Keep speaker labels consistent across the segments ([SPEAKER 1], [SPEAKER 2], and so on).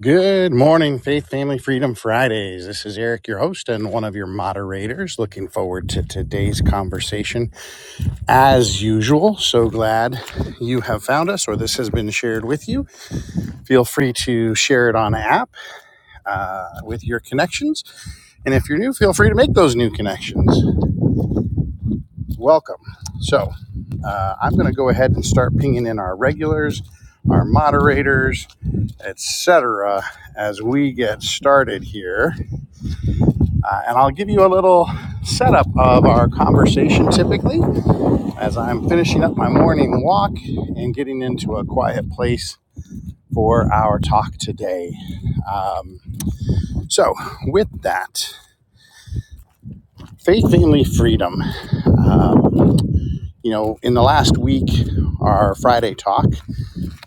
[SPEAKER 1] Good morning, Faith Family Freedom Fridays. This is Eric, your host and one of your moderators. Looking forward to today's conversation as usual. So glad you have found us or this has been shared with you. Feel free to share it on an app uh, with your connections. And if you're new, feel free to make those new connections. Welcome. So uh, I'm going to go ahead and start pinging in our regulars, our moderators, etc., as we get started here. Uh, and I'll give you a little setup of our conversation typically as I'm finishing up my morning walk and getting into a quiet place for our talk today. Um, so, with that, faith, family, freedom. Um, you know, in the last week, our Friday talk,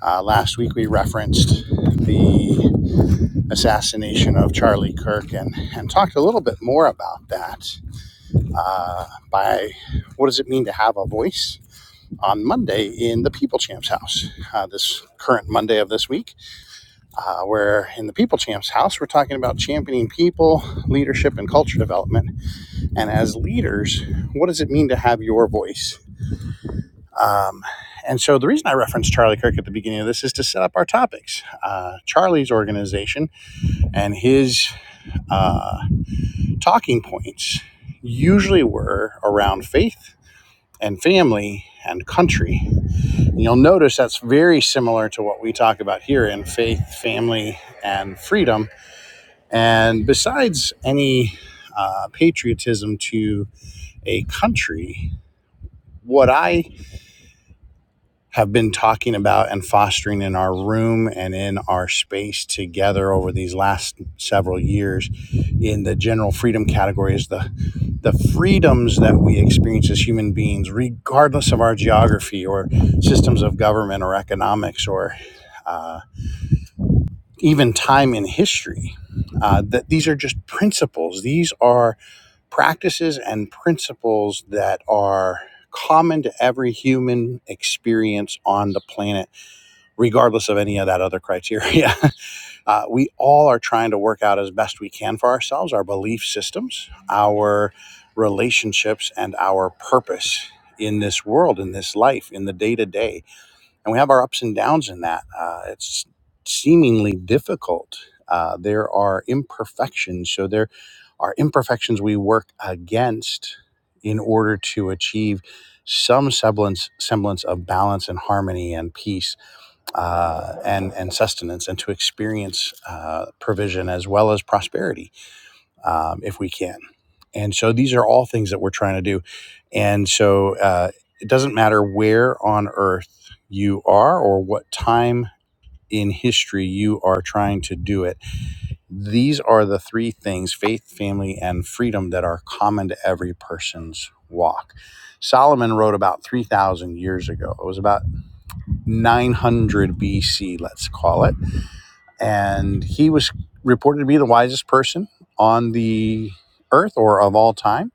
[SPEAKER 1] uh, last week we referenced the assassination of Charlie Kirk and, and talked a little bit more about that uh, by what does it mean to have a voice on Monday in the People Champs house, uh, this current Monday of this week, uh, where in the People Champs house, we're talking about championing people, leadership, and culture development. And as leaders, what does it mean to have your voice? Um, and so the reason I referenced Charlie Kirk at the beginning of this is to set up our topics. Uh, Charlie's organization and his uh, talking points usually were around faith and family and country you'll notice that's very similar to what we talk about here in faith, family, and freedom. And besides any uh, patriotism to a country, what I have been talking about and fostering in our room and in our space together over these last several years in the general freedom category is the the freedoms that we experience as human beings, regardless of our geography or systems of government or economics or uh, even time in history. Uh, that these are just principles. These are practices and principles that are common to every human experience on the planet, regardless of any of that other criteria. Uh, we all are trying to work out as best we can for ourselves our belief systems, our relationships, and our purpose in this world, in this life, in the day to day and we have our ups and downs in that. Uh, it's seemingly difficult. Uh, there are imperfections, so there are imperfections we work against in order to achieve some semblance semblance of balance and harmony and peace uh, and and sustenance, and to experience uh, provision as well as prosperity um, if we can. And so these are all things that we're trying to do. And so uh, it doesn't matter where on earth you are or what time in history you are trying to do it. These are the three things faith, family, and freedom that are common to every person's walk. Solomon wrote about 3,000 years ago. It was about 900 BC, let's call it and he was reported to be the wisest person on the earth or of all time.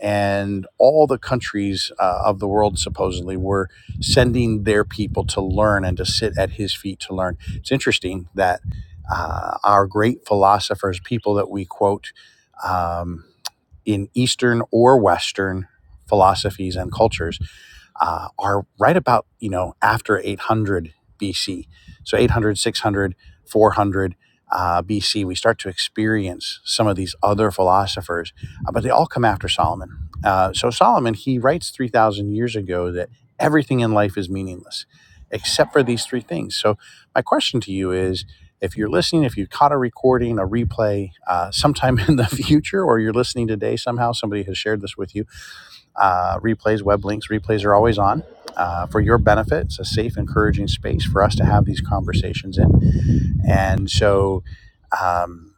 [SPEAKER 1] And all the countries uh, of the world supposedly were sending their people to learn and to sit at his feet to learn. It's interesting that uh, our great philosophers, people that we quote um, in Eastern or Western philosophies and cultures, uh, are right about, you know, after 800 BC. So 800, 600, 400 uh, BC, we start to experience some of these other philosophers, uh, but they all come after Solomon. Uh, so Solomon, he writes 3,000 years ago that everything in life is meaningless except for these three things. So my question to you is, if you're listening, if you caught a recording, a replay, uh, sometime in the future, or you're listening today somehow, somebody has shared this with you uh, replays, web links, replays are always on uh, for your benefit. It's a safe, encouraging space for us to have these conversations in. And so, um,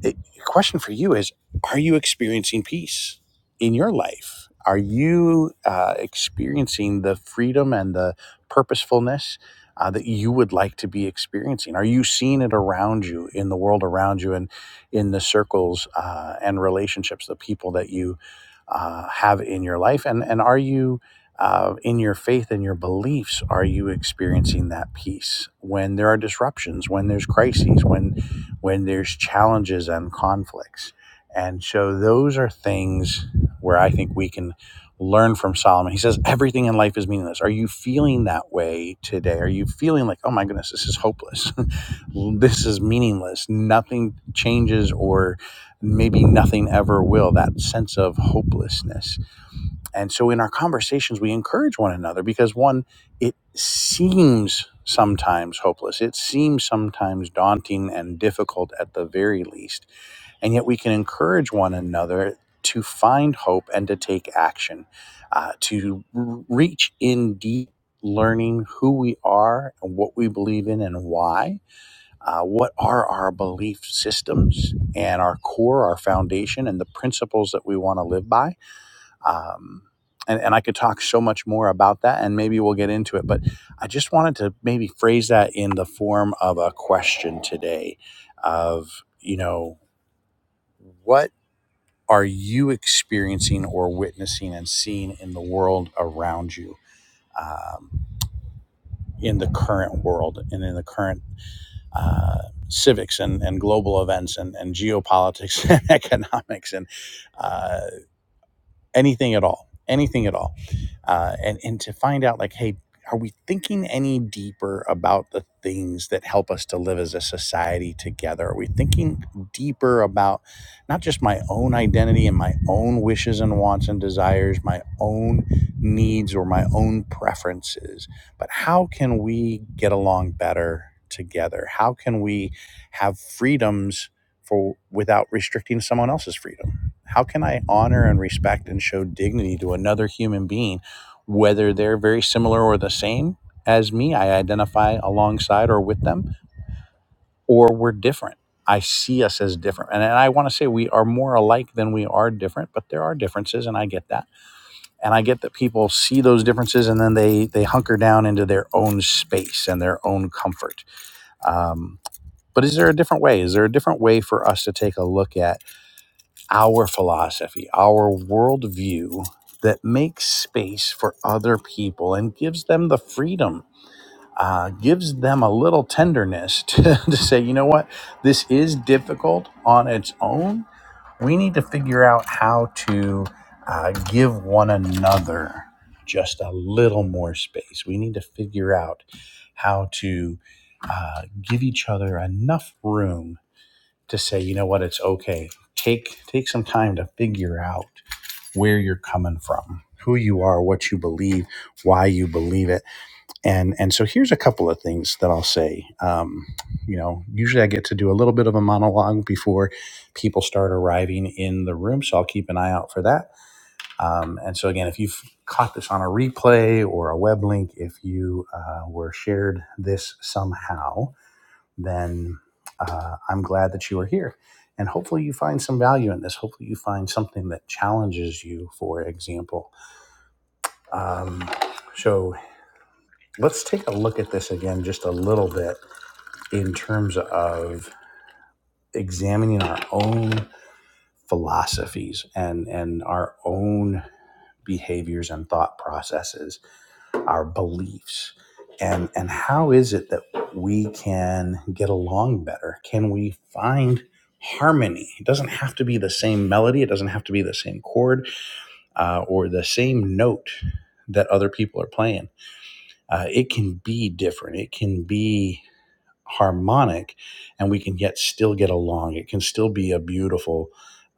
[SPEAKER 1] the question for you is Are you experiencing peace in your life? Are you uh, experiencing the freedom and the purposefulness uh, that you would like to be experiencing? Are you seeing it around you, in the world around you, and in the circles uh, and relationships, the people that you uh, have in your life? And, and are you uh, in your faith and your beliefs, are you experiencing that peace when there are disruptions, when there's crises, when when there's challenges and conflicts. And so those are things where I think we can learn from Solomon. He says, Everything in life is meaningless. Are you feeling that way today? Are you feeling like, oh my goodness, this is hopeless? this is meaningless. Nothing changes, or maybe nothing ever will. That sense of hopelessness and so in our conversations, we encourage one another because one, it seems sometimes hopeless. It seems sometimes daunting and difficult at the very least. And yet we can encourage one another to find hope and to take action, uh, to r- reach in deep. Learning who we are and what we believe in and why, uh, what are our belief systems and our core, our foundation, and the principles that we want to live by um, and, and I could talk so much more about that, and maybe we'll get into it. But I just wanted to maybe phrase that in the form of a question today of, you know, what are you experiencing or witnessing and seeing in the world around you, um, in the current world and in the current uh, civics and, and global events and, and geopolitics and economics and uh, anything at all, anything at all, uh, and and to find out like, hey, are we thinking any deeper about the things that help us to live as a society together? Are we thinking deeper about not just my own identity and my own wishes and wants and desires, my own needs or my own preferences, but how can we get along better together? How can we have freedoms for without restricting someone else's freedom? how can I honor and respect and show dignity to another human being, whether they're very similar or the same as me? I identify alongside or with them, or we're different. I see us as different. And, and I want to say we are more alike than we are different, but there are differences, and I get that. And I get that people see those differences and then they, they hunker down into their own space and their own comfort. Um, but is there a different way? Is there a different way for us to take a look at? our philosophy, our worldview that makes space for other people and gives them the freedom, uh, gives them a little tenderness to, to say, you know what, this is difficult on its own. We need to figure out how to uh, give one another just a little more space. We need to figure out how to uh, give each other enough room to say, you know what, it's okay. Take take some time to figure out where you're coming from, who you are, what you believe, why you believe it, and and so here's a couple of things that I'll say. Um, you know, usually I get to do a little bit of a monologue before people start arriving in the room, so I'll keep an eye out for that. Um, and so again, if you've caught this on a replay or a web link, if you uh, were shared this somehow, then uh, I'm glad that you are here. And hopefully, you find some value in this. Hopefully, you find something that challenges you, for example. Um, so, let's take a look at this again just a little bit in terms of examining our own philosophies and, and our own behaviors and thought processes our beliefs and and how is it that we can get along better can we find harmony it doesn't have to be the same melody it doesn't have to be the same chord uh, or the same note that other people are playing uh, it can be different it can be harmonic and we can yet still get along. It can still be a beautiful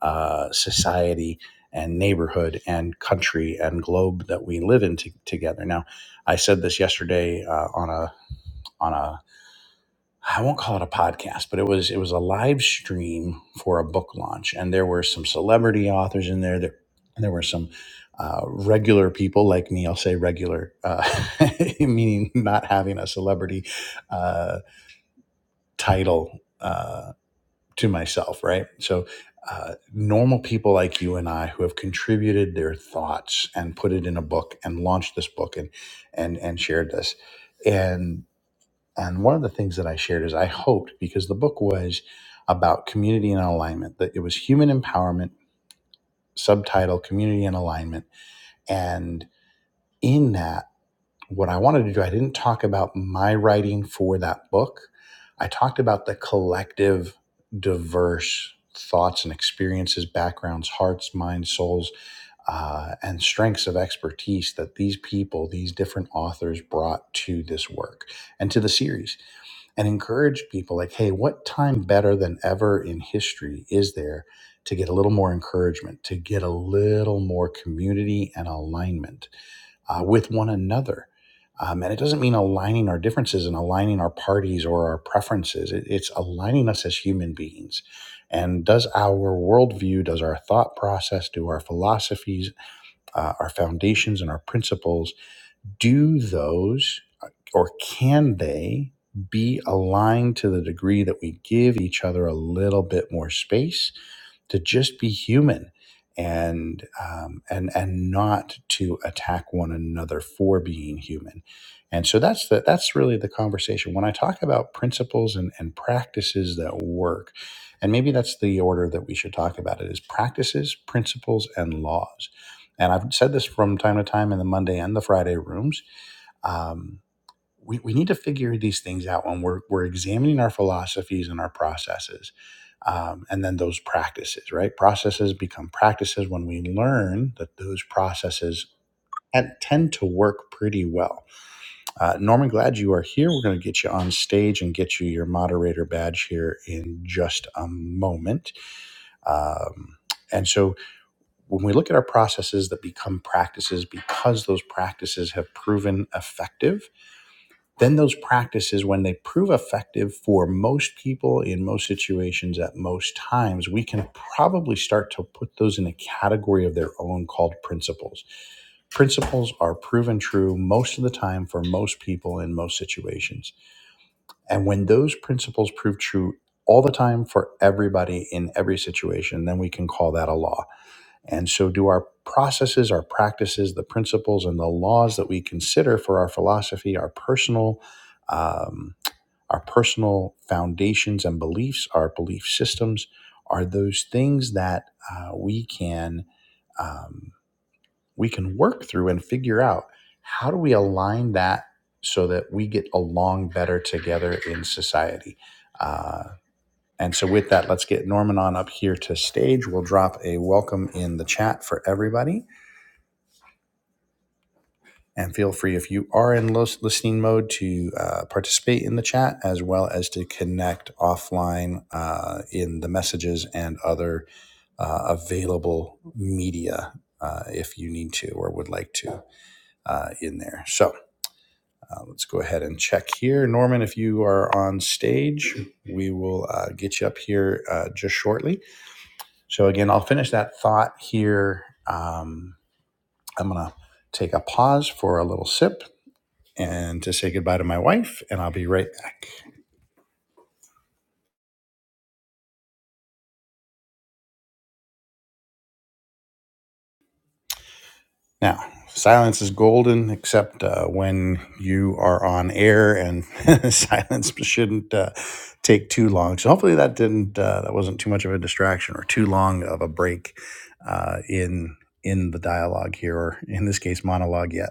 [SPEAKER 1] uh, society and neighborhood and country and globe that we live in to together. Now, I said this yesterday uh, on a on a I won't call it a podcast, but it was it was a live stream for a book launch, and there were some celebrity authors in there. There, there were some uh, regular people like me. I'll say regular, uh, meaning not having a celebrity uh, title uh, to myself, right? So, uh, normal people like you and I who have contributed their thoughts and put it in a book and launched this book and and and shared this, and and one of the things that I shared is I hoped because the book was about community and alignment that it was human empowerment subtitle community and alignment and in that what I wanted to do, I didn't talk about my writing for that book. I talked about the collective, diverse thoughts and experiences, backgrounds, hearts, minds, souls, uh, and strengths of expertise that these people, these different authors brought to this work and to the series, and encouraged people like, hey, what time better than ever in history is there to get a little more encouragement, to get a little more community and alignment? uh, with one another. Um, and it doesn't mean aligning our differences and aligning our parties or our preferences. It- it's aligning us as human beings. And does our worldview, does our thought process, do our philosophies, uh, our foundations, and our principles, do those uh, or can they be aligned to the degree that we give each other a little bit more space to just be human and um, and and not to attack one another for being human and so that's the that's really the conversation when i talk about principles and, and practices that work and maybe that's the order that we should talk about it is practices principles and laws and i've said this from time to time in the monday and the friday rooms um we, we need to figure these things out when we're, we're examining our philosophies and our processes um, and then those practices right processes become practices when we learn that those processes and tend to work pretty well uh, norman glad you are here we're going to get you on stage and get you your moderator badge here in just a moment um, and so when we look at our processes that become practices because those practices have proven effective then those practices, when they prove effective for most people in most situations at most times, we can probably start to put those in a category of their own called principles. Principles are proven true most of the time for most people in most situations. And when those principles prove true all the time for everybody in every situation, then we can call that a law. And so, do our processes, our practices, the principles, and the laws that we consider for our philosophy, our personal, um, our personal foundations and beliefs, our belief systems, are those things that uh, we can um, we can work through and figure out how do we align that so that we get along better together in society. Uh, and so, with that, let's get Norman on up here to stage. We'll drop a welcome in the chat for everybody. And feel free, if you are in listening mode, to uh, participate in the chat as well as to connect offline uh, in the messages and other uh, available media uh, if you need to or would like to uh, in there. So uh, let's go ahead and check here. Norman, if you are on stage, we will uh, get you up here uh, just shortly. So, again, I'll finish that thought here. Um, I'm going to take a pause for a little sip and to say goodbye to my wife, and I'll be right back. Now, silence is golden, except uh, when you are on air, and silence shouldn't uh, take too long. So hopefully that didn't uh, that wasn't too much of a distraction or too long of a break uh, in in the dialogue here, or in this case, monologue yet.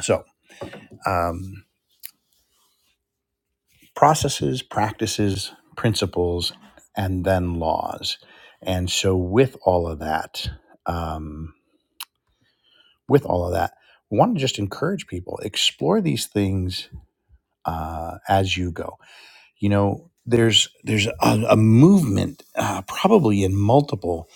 [SPEAKER 1] So um, processes, practices, principles, and then laws. And so with all of that. Um, with all of that, we want to just encourage people explore these things uh, as you go. You know, there's there's a, a movement uh, probably in multiple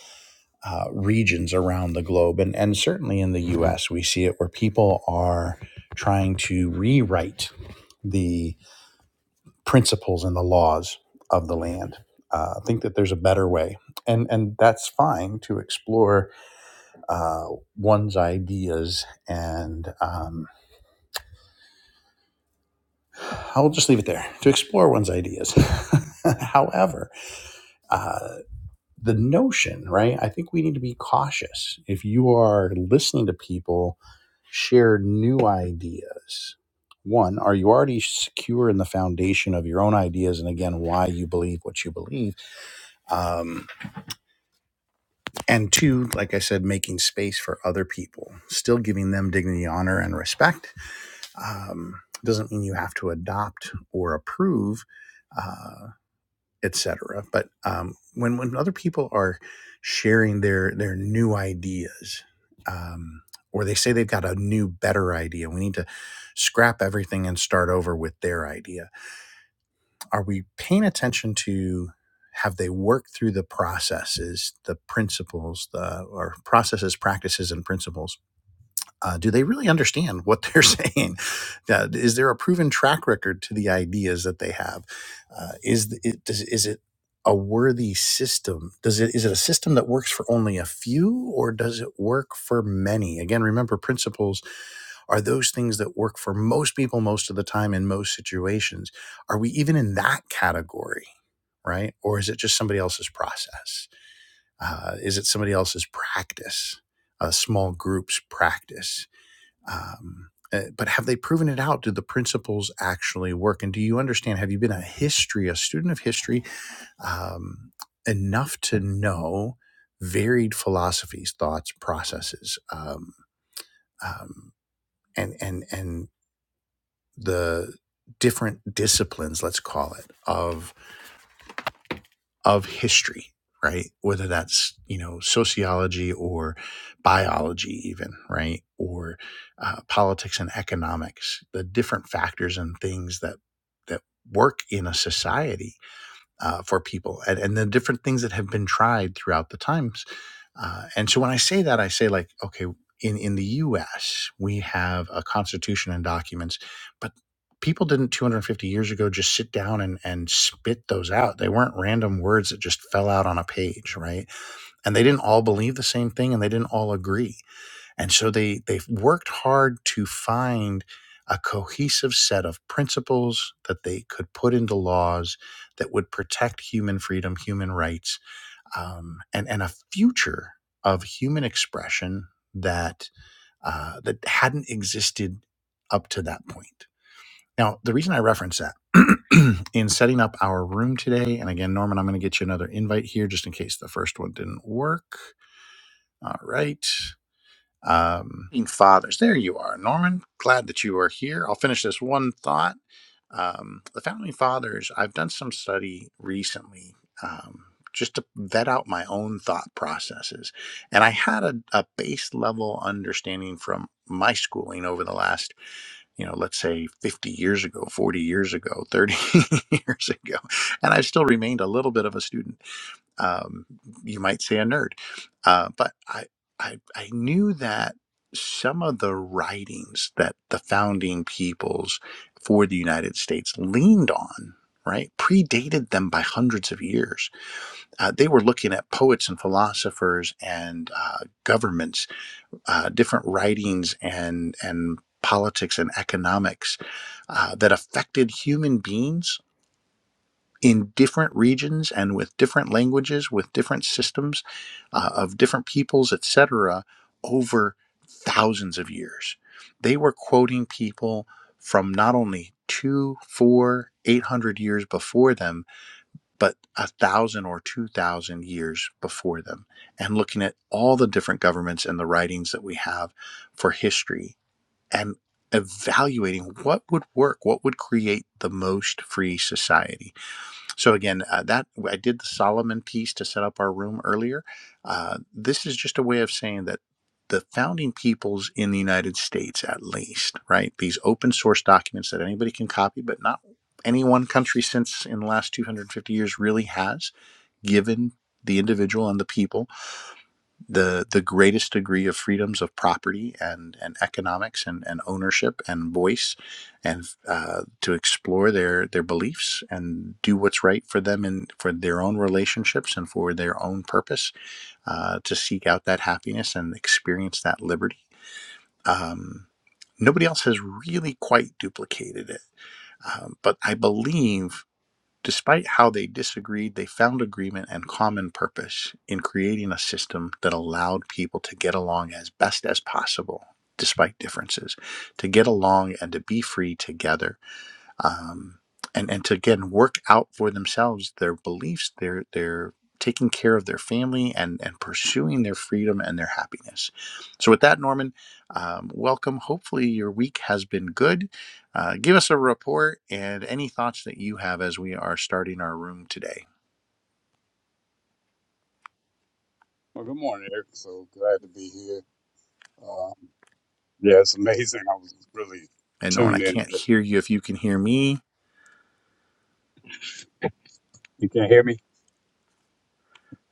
[SPEAKER 1] uh, regions around the globe, and and certainly in the U.S. we see it where people are trying to rewrite the principles and the laws of the land. Uh, think that there's a better way, and and that's fine to explore uh, one's ideas and um, I'll just leave it there to explore one's ideas. However, uh, the notion, right? I think we need to be cautious. If you are listening to people share new ideas, one, are you already secure in the foundation of your own ideas and again, why you believe what you believe? Um, and two, like I said, making space for other people, still giving them dignity, honor, and respect. Um, doesn't mean you have to adopt or approve uh, etc. But um, when when other people are sharing their their new ideas, um, or they say they've got a new better idea, we need to scrap everything and start over with their idea. Are we paying attention to? Have they worked through the processes, the principles, the or processes, practices, and principles uh, do they really understand what they're saying? Uh, is there a proven track record to the ideas that they have? Uh, is th- it does, is it a worthy system? Does it is it a system that works for only a few, or does it work for many? Again, remember principles are those things that work for most people most of the time in most situations. Are we even in that category, right? Or is it just somebody else's process? Uh, is it somebody else's practice? A small group's practice um, uh, but have they proven it out? Do the principles actually work? And do you understand? Have you been a history, a student of history, um, enough to know varied philosophies, thoughts, processes, um, um, and and and the different disciplines, let's call it, of. of history, right? Whether that's, you know, sociology or biology, even, right? Or uh, politics and economics, the different factors and things that, that work in a society uh, for people and, and the different things that have been tried throughout the times. Uh, and so when I say that, I say, like, okay, in, in the US, we have a constitution and documents, but people didn't 250 years ago just sit down and, and spit those out. They weren't random words that just fell out on a page, right? And they didn't all believe the same thing and they didn't all agree. And so they they've worked hard to find a cohesive set of principles that they could put into laws that would protect human freedom, human rights, um, and and a future of human expression that uh, that hadn't existed up to that point. Now, the reason I reference that in setting up our room today, and again, Norman, I'm going to get you another invite here just in case the first one didn't work. All right um, fathers. There you are, Norman. Glad that you are here. I'll finish this one thought. Um, the founding fathers, I've done some study recently um, just to vet out my own thought processes. And I had a, a base level understanding from my schooling over the last, you know, let's say 50 years ago, 40 years ago, 30 years ago. And I've still remained a little bit of a student um, you might say a nerd. Uh, but I, I, I knew that some of the writings that the founding peoples for the United States leaned on, right, predated them by hundreds of years. Uh, they were looking at poets and philosophers and uh, governments, uh, different writings and and politics and economics uh, that affected human beings in different regions and with different languages, with different systems uh, of different peoples, etc., over thousands of years. They were quoting people from not only two, four, eight hundred years before them, but a thousand or two thousand years before them, and looking at all the different governments and the writings that we have for history and evaluating what would work, what would create the most free society so again, uh, that I did the Solomon piece to set up our room earlier. Uh, this is just a way of saying that the founding peoples in the United States, at least, right? These open source documents that anybody can copy, but not any one country since in the last 250 years really has given the individual and the people the the greatest degree of freedoms of property and and economics and, and ownership and voice and uh, to explore their their beliefs and do what's right for them and for their own relationships and for their own purpose uh, to seek out that happiness and experience that liberty um, nobody else has really quite duplicated it um, but I believe Despite how they disagreed, they found agreement and common purpose in creating a system that allowed people to get along as best as possible, despite differences, to get along and to be free together um, and and to again work out for themselves their beliefs, their their taking care of their family and and pursuing their freedom and their happiness. So with that, Norman, um, welcome. Hopefully your week has been good. Uh, give us a report and any thoughts that you have as we are starting our room today.
[SPEAKER 2] Well, good morning, Eric. So glad to be here. Um, yeah, it's amazing. I was really
[SPEAKER 1] And Norman, I
[SPEAKER 2] tuned in.
[SPEAKER 1] can't hear you if you can hear me.
[SPEAKER 2] You can hear me?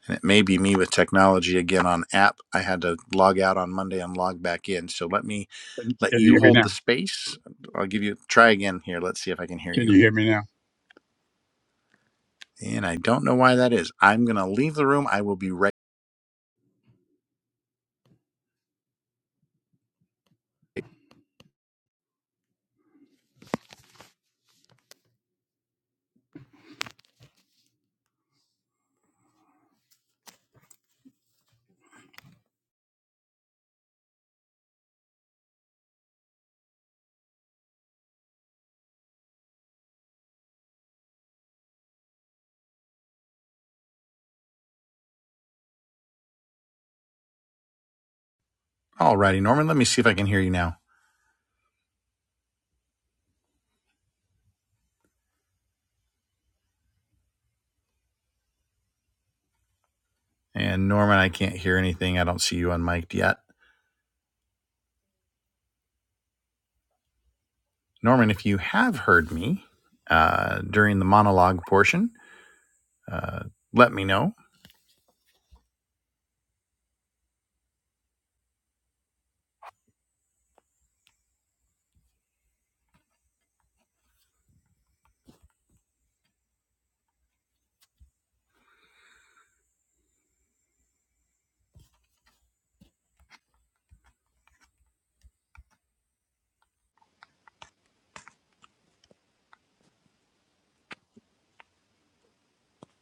[SPEAKER 1] And it may be me with technology again on app. I had to log out on Monday and log back in. So let me
[SPEAKER 2] Can
[SPEAKER 1] let
[SPEAKER 2] can you
[SPEAKER 1] you
[SPEAKER 2] hear me
[SPEAKER 1] hold the
[SPEAKER 2] now?
[SPEAKER 1] space. I'll give you try again here. Let's see if I can hear
[SPEAKER 2] Can
[SPEAKER 1] you.
[SPEAKER 2] you hear me now?
[SPEAKER 1] And I don't know why that is. I'm going to leave the room. I will be right. Alrighty, Norman. Let me see if I can hear you now. And Norman, I can't hear anything. I don't see you unmiked yet. Norman, if you have heard me uh, during the monologue portion, uh, let me know.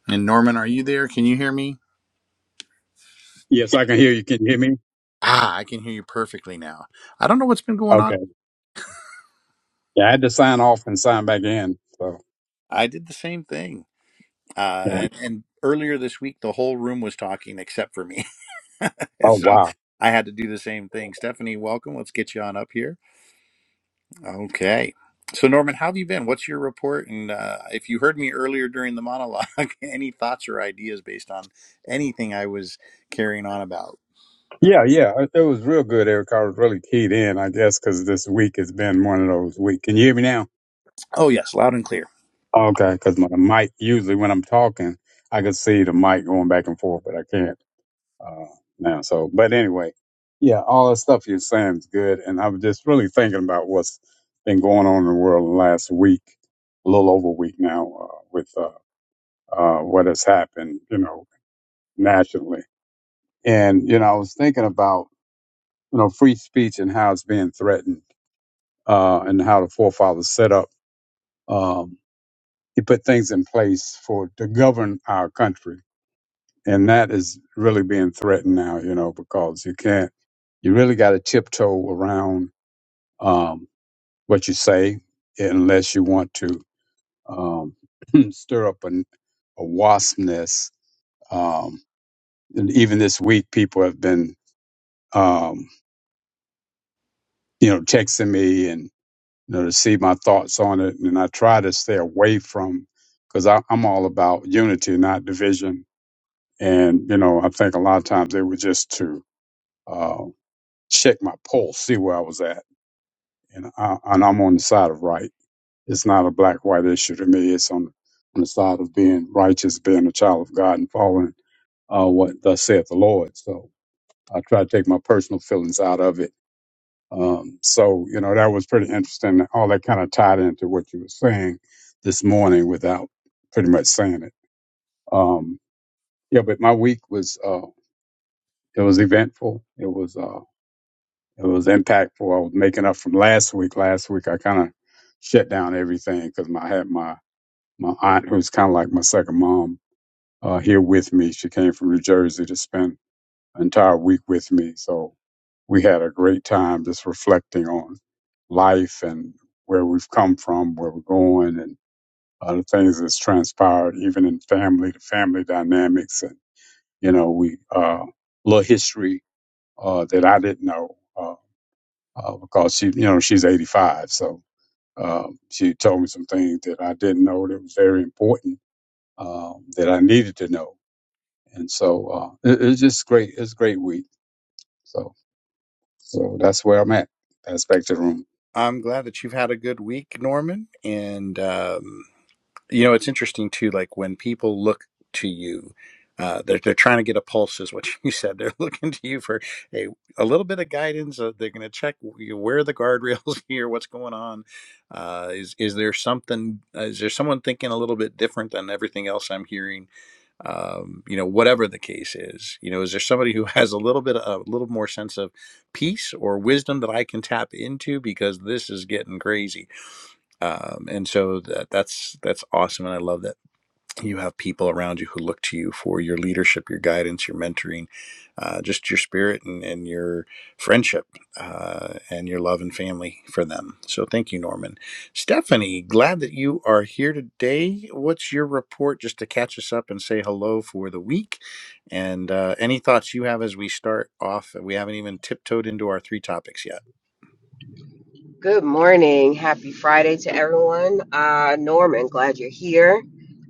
[SPEAKER 1] And Norman, are you there? Can you hear me?
[SPEAKER 2] Yes, I can hear you. Can you hear me?
[SPEAKER 1] Ah, I can hear you perfectly now. I don't know what's been going on.
[SPEAKER 2] Okay. Yeah, I had to sign off and sign back in. So,
[SPEAKER 1] I did the same thing. Uh,
[SPEAKER 2] yeah.
[SPEAKER 1] and, and earlier this week, the whole room was talking except for me.
[SPEAKER 2] Oh,
[SPEAKER 1] so
[SPEAKER 2] wow.
[SPEAKER 1] I had to do the same thing. Stephanie, welcome. Let's get you on up here. Okay. So Norman, how have you been? What's your report? And uh, if you heard me earlier during the monologue, any thoughts or ideas based on anything I was carrying on about?
[SPEAKER 2] Yeah, yeah. It it was real good, Eric. I was really keyed in, I guess, because this week has been one of those weeks. Can you hear me now?
[SPEAKER 1] Oh yes, loud and clear.
[SPEAKER 2] Okay, because my mic, usually when I'm talking, I can see the mic going back and forth, but I can't. uh, now. So, but anyway, yeah, all the stuff you're saying is good, and I'm just really thinking about what's been going on in the world the last week, a little over a week now, uh, with uh, uh, what has happened, you know, nationally. And you know, I was thinking about you know free speech and how it's being threatened, uh, and how the forefathers set up. Um, he put things in place for to govern our country and that is really being threatened now, you know, because you can't, you really got to tiptoe around um, what you say unless you want to um, stir up an, a wasp nest. Um, and even this week, people have been, um, you know, texting me and, you know, to see my thoughts on it. And I try to stay away from, because I'm all about unity, not division. And, you know, I think a lot of times they were just to uh, check my pulse, see where I was at, and I, and I'm on the side of right. It's not a black white issue to me. It's on on the side of being righteous, being a child of God, and following uh, what thus saith the Lord. So I try to take my personal feelings out of it. Um, so you know that was pretty interesting. All that kind of tied into what you were saying this morning without pretty much saying it. Um, yeah, but my week was uh, it was eventful. It was. uh, It was impactful. I was making up from last week. Last week I kind of shut down everything because I had my my aunt, who's kind of like my second mom, uh, here with me. She came from New Jersey to spend an entire week with me. So we had a great time just reflecting on life and where we've come from, where we're going, and other things that's transpired, even in family, the family dynamics, and you know, we uh, little history uh, that I didn't know. uh, uh, because she, you know, she's 85. So um, she told me some things that I didn't know that was very important um, that I needed to know. And so uh, it, it's just great. It's a great week. So so that's where I'm at. That's back to the room.
[SPEAKER 1] I'm glad that you've had a good week, Norman, and um, you know it's interesting too like when people look to you uh, they're, they're trying to get a pulse is what you said they're looking to you for a, a little bit of guidance uh, they're going to check you where are the guardrails here what's going on uh, is, is there something uh, is there someone thinking a little bit different than everything else i'm hearing um, you know whatever the case is you know is there somebody who has a little bit a little more sense of peace or wisdom that i can tap into because this is getting crazy um, and so that, that's that's awesome and i love that you have people around you who look to you for your leadership your guidance your mentoring uh, just your spirit and, and your friendship uh, and your love and family for them so thank you norman stephanie glad that you are here today what's your report just to catch us up and say hello for the week and uh, any thoughts you have as we start off we haven't even tiptoed into our three topics yet
[SPEAKER 3] Good morning. Happy Friday to everyone. Uh, Norman, glad you're here.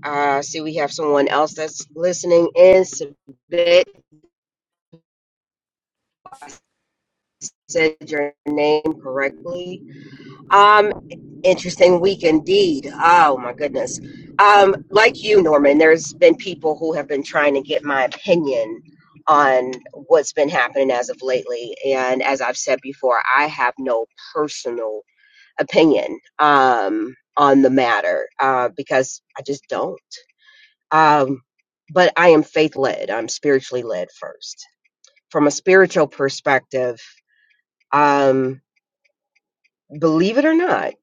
[SPEAKER 3] Uh, see, we have someone else that's listening in. Submit said your name correctly. Um, interesting week indeed. Oh my goodness. Um, like you, Norman, there's been people who have been trying to get my opinion on what's been happening as of lately. And as I've said before, I have no personal opinion um, on the matter uh, because I just don't. Um, but I am faith led. I'm spiritually led first. From a spiritual perspective, um, believe it or not,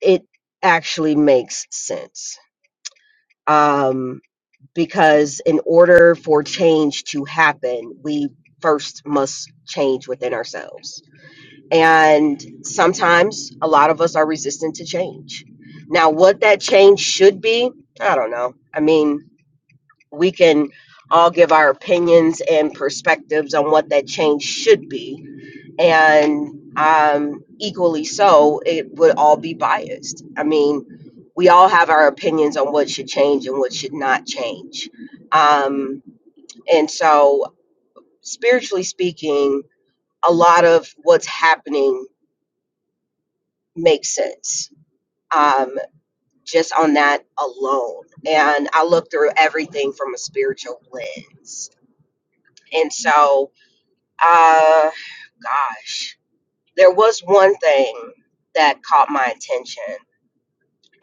[SPEAKER 3] it actually makes sense. Um, because in order for change to happen, we first must change within ourselves And sometimes a lot of us are resistant to change. Now, what that change should be, I don't know. I mean, we can all give our opinions and perspectives on what that change should be. And um, equally so, it would all be biased. I mean, we all have our opinions on what should change and what should not change. Um, and so, spiritually speaking, a lot of what's happening makes sense um, just on that alone. And I look through everything from a spiritual lens. And so, uh, gosh, there was one thing that caught my attention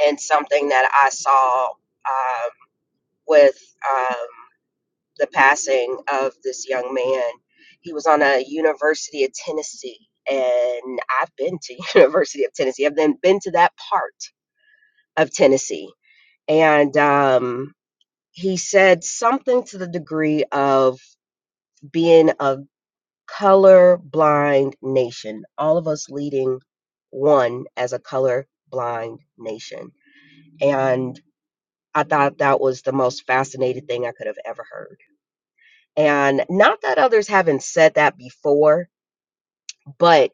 [SPEAKER 3] and something that I saw um, with um, the passing of this young man. He was on a University of Tennessee. And I've been to University of Tennessee. I've then been to that part of Tennessee. And um, he said something to the degree of being a color blind nation, all of us leading one as a color blind nation. And I thought that was the most fascinating thing I could have ever heard. And not that others haven't said that before, but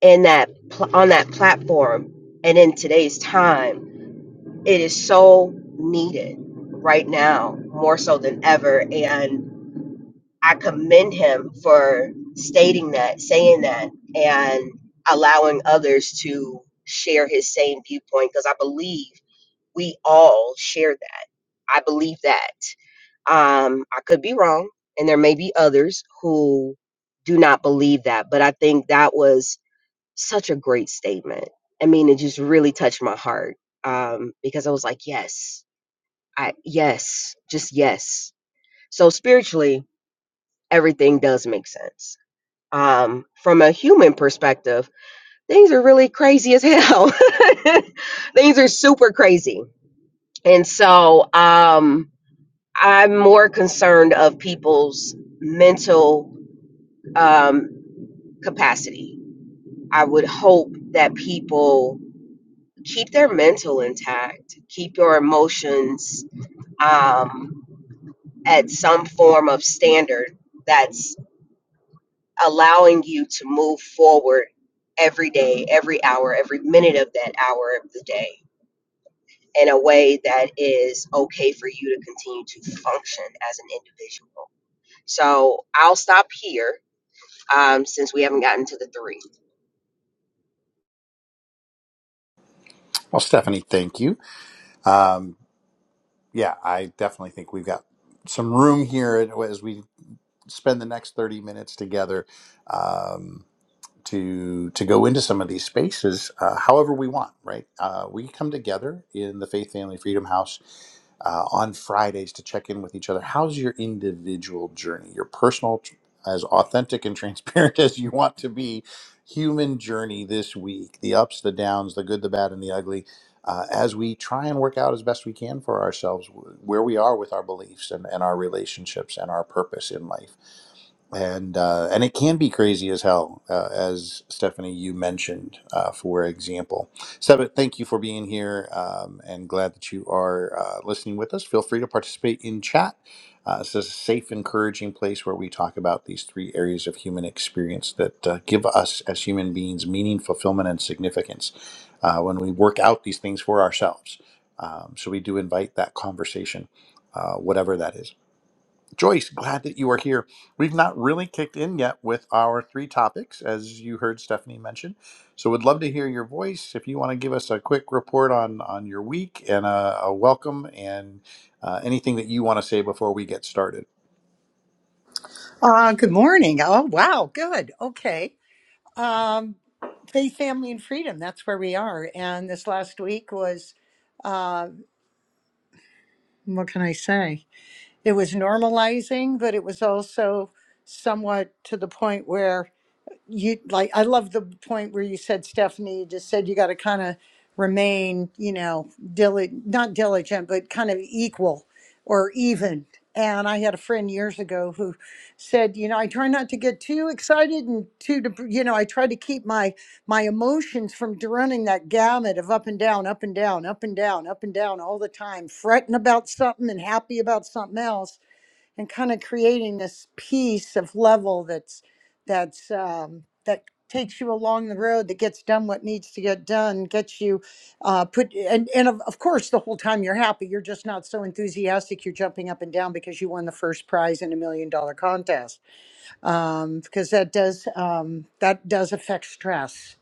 [SPEAKER 3] in that pl- on that platform and in today's time, it is so needed right now more so than ever and I commend him for stating that, saying that, and allowing others to share his same viewpoint because I believe we all share that. I believe that. Um, I could be wrong, and there may be others who do not believe that, but I think that was such a great statement. I mean, it just really touched my heart um, because I was like, yes, I yes, just yes. So spiritually, everything does make sense um, from a human perspective, things are really crazy as hell. things are super crazy. And so um, I'm more concerned of people's mental um, capacity. I would hope that people keep their mental intact, keep your emotions um, at some form of standard that's allowing you to move forward every day, every hour, every minute of that hour of the day in a way that is okay for you to continue to function as an individual. So I'll stop here um, since we haven't gotten to the three.
[SPEAKER 1] well, Stephanie, thank you. Um, yeah, I definitely think we've got some room here as we spend the next 30 minutes together. Um, to to go into some of these spaces uh, however we want right uh, we come together in the faith family freedom house uh, on fridays to check in with each other how's your individual journey your personal as authentic and transparent as you want to be human journey this week the ups the downs the good the bad and the ugly uh, as we try and work out as best we can for ourselves wh- where we are with our beliefs and, and our relationships and our purpose in life and uh, and it can be crazy as hell, uh, as Stephanie you mentioned, uh, for example. Sebit, thank you for being here, um, and glad that you are uh, listening with us. Feel free to participate in chat. Uh, this is a safe, encouraging place where we talk about these three areas of human experience that uh, give us, as human beings, meaning, fulfillment, and significance uh, when we work out these things for ourselves. Um, so we do invite that conversation, uh, whatever that is. Joyce, glad that you are here. We've not really kicked in yet with our three topics, as you heard Stephanie mention. So, would love to hear your voice. If you want to give us a quick report on on your week and a, a welcome and uh, anything that you want to say before we get started.
[SPEAKER 4] Uh, good morning. Oh, wow. Good. Okay. Um, faith, family, and freedom. That's where we are. And this last week was, uh, what can I say? It was normalizing, but it was also somewhat to the point where you like i love the point where you said stephanie you just said you got to kind of remain you know diligent not diligent but kind of equal or even and i had a friend years ago who said you know i try not to get too excited and too dep- you know i try to keep my my emotions from d- running that gamut of up and down up and down up and down up and down all the time fretting about something and happy about something else and kind of creating this piece of level that's that's um, that takes you along the road that gets done what needs to get done gets you uh, put and and of, of course the whole time you're happy you're just not so enthusiastic you're jumping up and down because you won the first prize in a million dollar contest um, because that does um, that does affect stress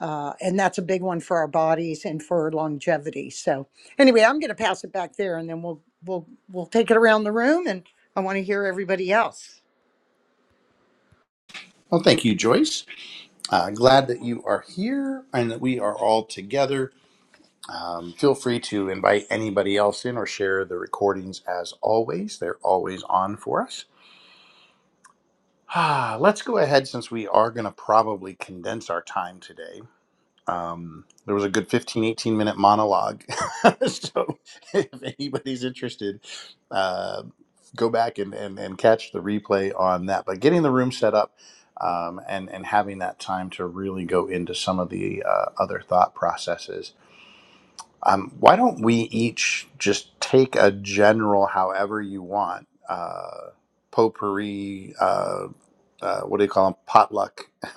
[SPEAKER 4] uh, and that's a big one for our bodies and for longevity. So anyway, I'm going to pass it back there, and then we'll we'll we'll take it around the room, and I want to hear everybody else.
[SPEAKER 1] Well, thank you, Joyce. Uh, glad that you are here and that we are all together. Um, feel free to invite anybody else in or share the recordings as always. They're always on for us. Ah, let's go ahead since we are going to probably condense our time today. Um, there was a good fifteen, eighteen minute monologue. so if anybody's interested, uh, go back and, and, and catch the replay on that. But getting the room set up um, and, and having that time to really go into some of the uh, other thought processes um, why don't we each just take a general, however you want, uh, potpourri, uh, uh, what do you call them, potluck?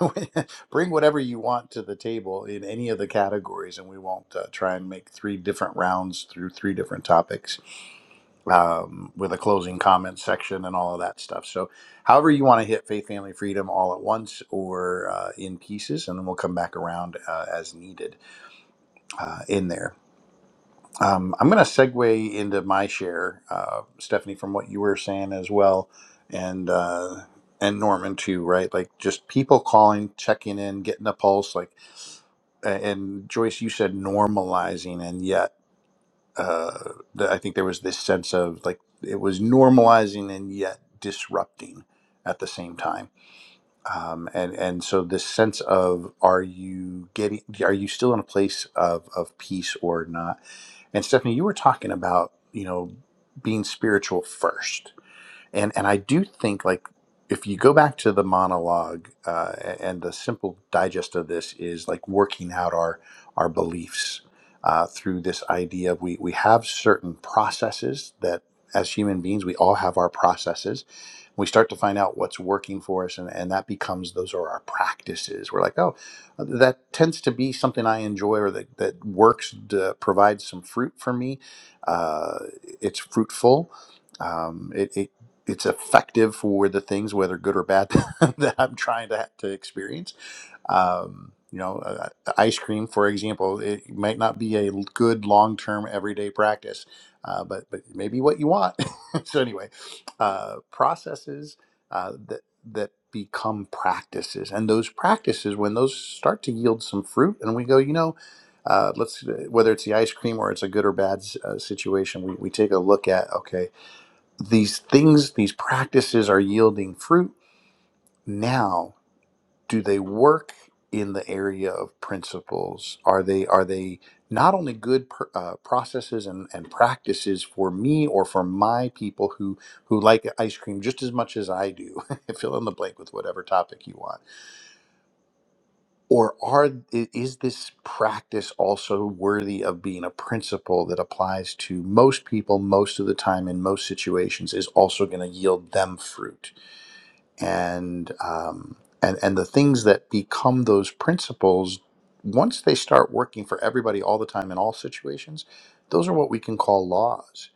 [SPEAKER 1] Bring whatever you want to the table in any of the categories, and we won't uh, try and make three different rounds through three different topics um, with a closing comment section and all of that stuff. So, however you want to hit faith, family, freedom all at once or uh, in pieces, and then we'll come back around uh, as needed uh, in there. Um, I'm going to segue into my share, uh, Stephanie, from what you were saying as well, and uh, and Norman too, right? Like just people calling, checking in, getting a pulse. Like, a- and Joyce, you said normalizing, and yet uh, the, I think there was this sense of like it was normalizing and yet disrupting at the same time. Um, and and so this sense of are you getting are you still in a place of of peace or not? And Stephanie, you were talking about, you know, being spiritual first and and I do think like if you go back to the monologue uh, and the simple digest of this is like working out our our beliefs uh, through this idea of we we have certain processes that as human beings we all have our processes we start to find out what's working for us and, and that becomes those are our practices we're like oh that tends to be something i enjoy or that, that works to provide some fruit for me uh, it's fruitful um, it, it it's effective for the things, whether good or bad, that I'm trying to to experience. Um, you know, uh, uh, ice cream, for example, it might not be a good long term everyday practice, uh, but but maybe what you want. so anyway, uh, processes uh, that that become practices, and those practices, when those start to yield some fruit, and we go, you know. Uh, let's uh, whether it's the ice cream or it's a good or bad uh, situation. We, we take a look at okay, these things, these practices are yielding fruit. Now, do they work in the area of principles? Are they are they not only good pr- uh, processes and, and practices for me or for my people who who like ice cream just as much as I do? Fill in the blank with whatever topic you want. Or are i- is this practice also worthy of being a principle that applies to most people most of the time in most situations? Is also going to yield them fruit? and um, and and the things that become those principles once they start working for everybody all the time in all situations those are what we can call laws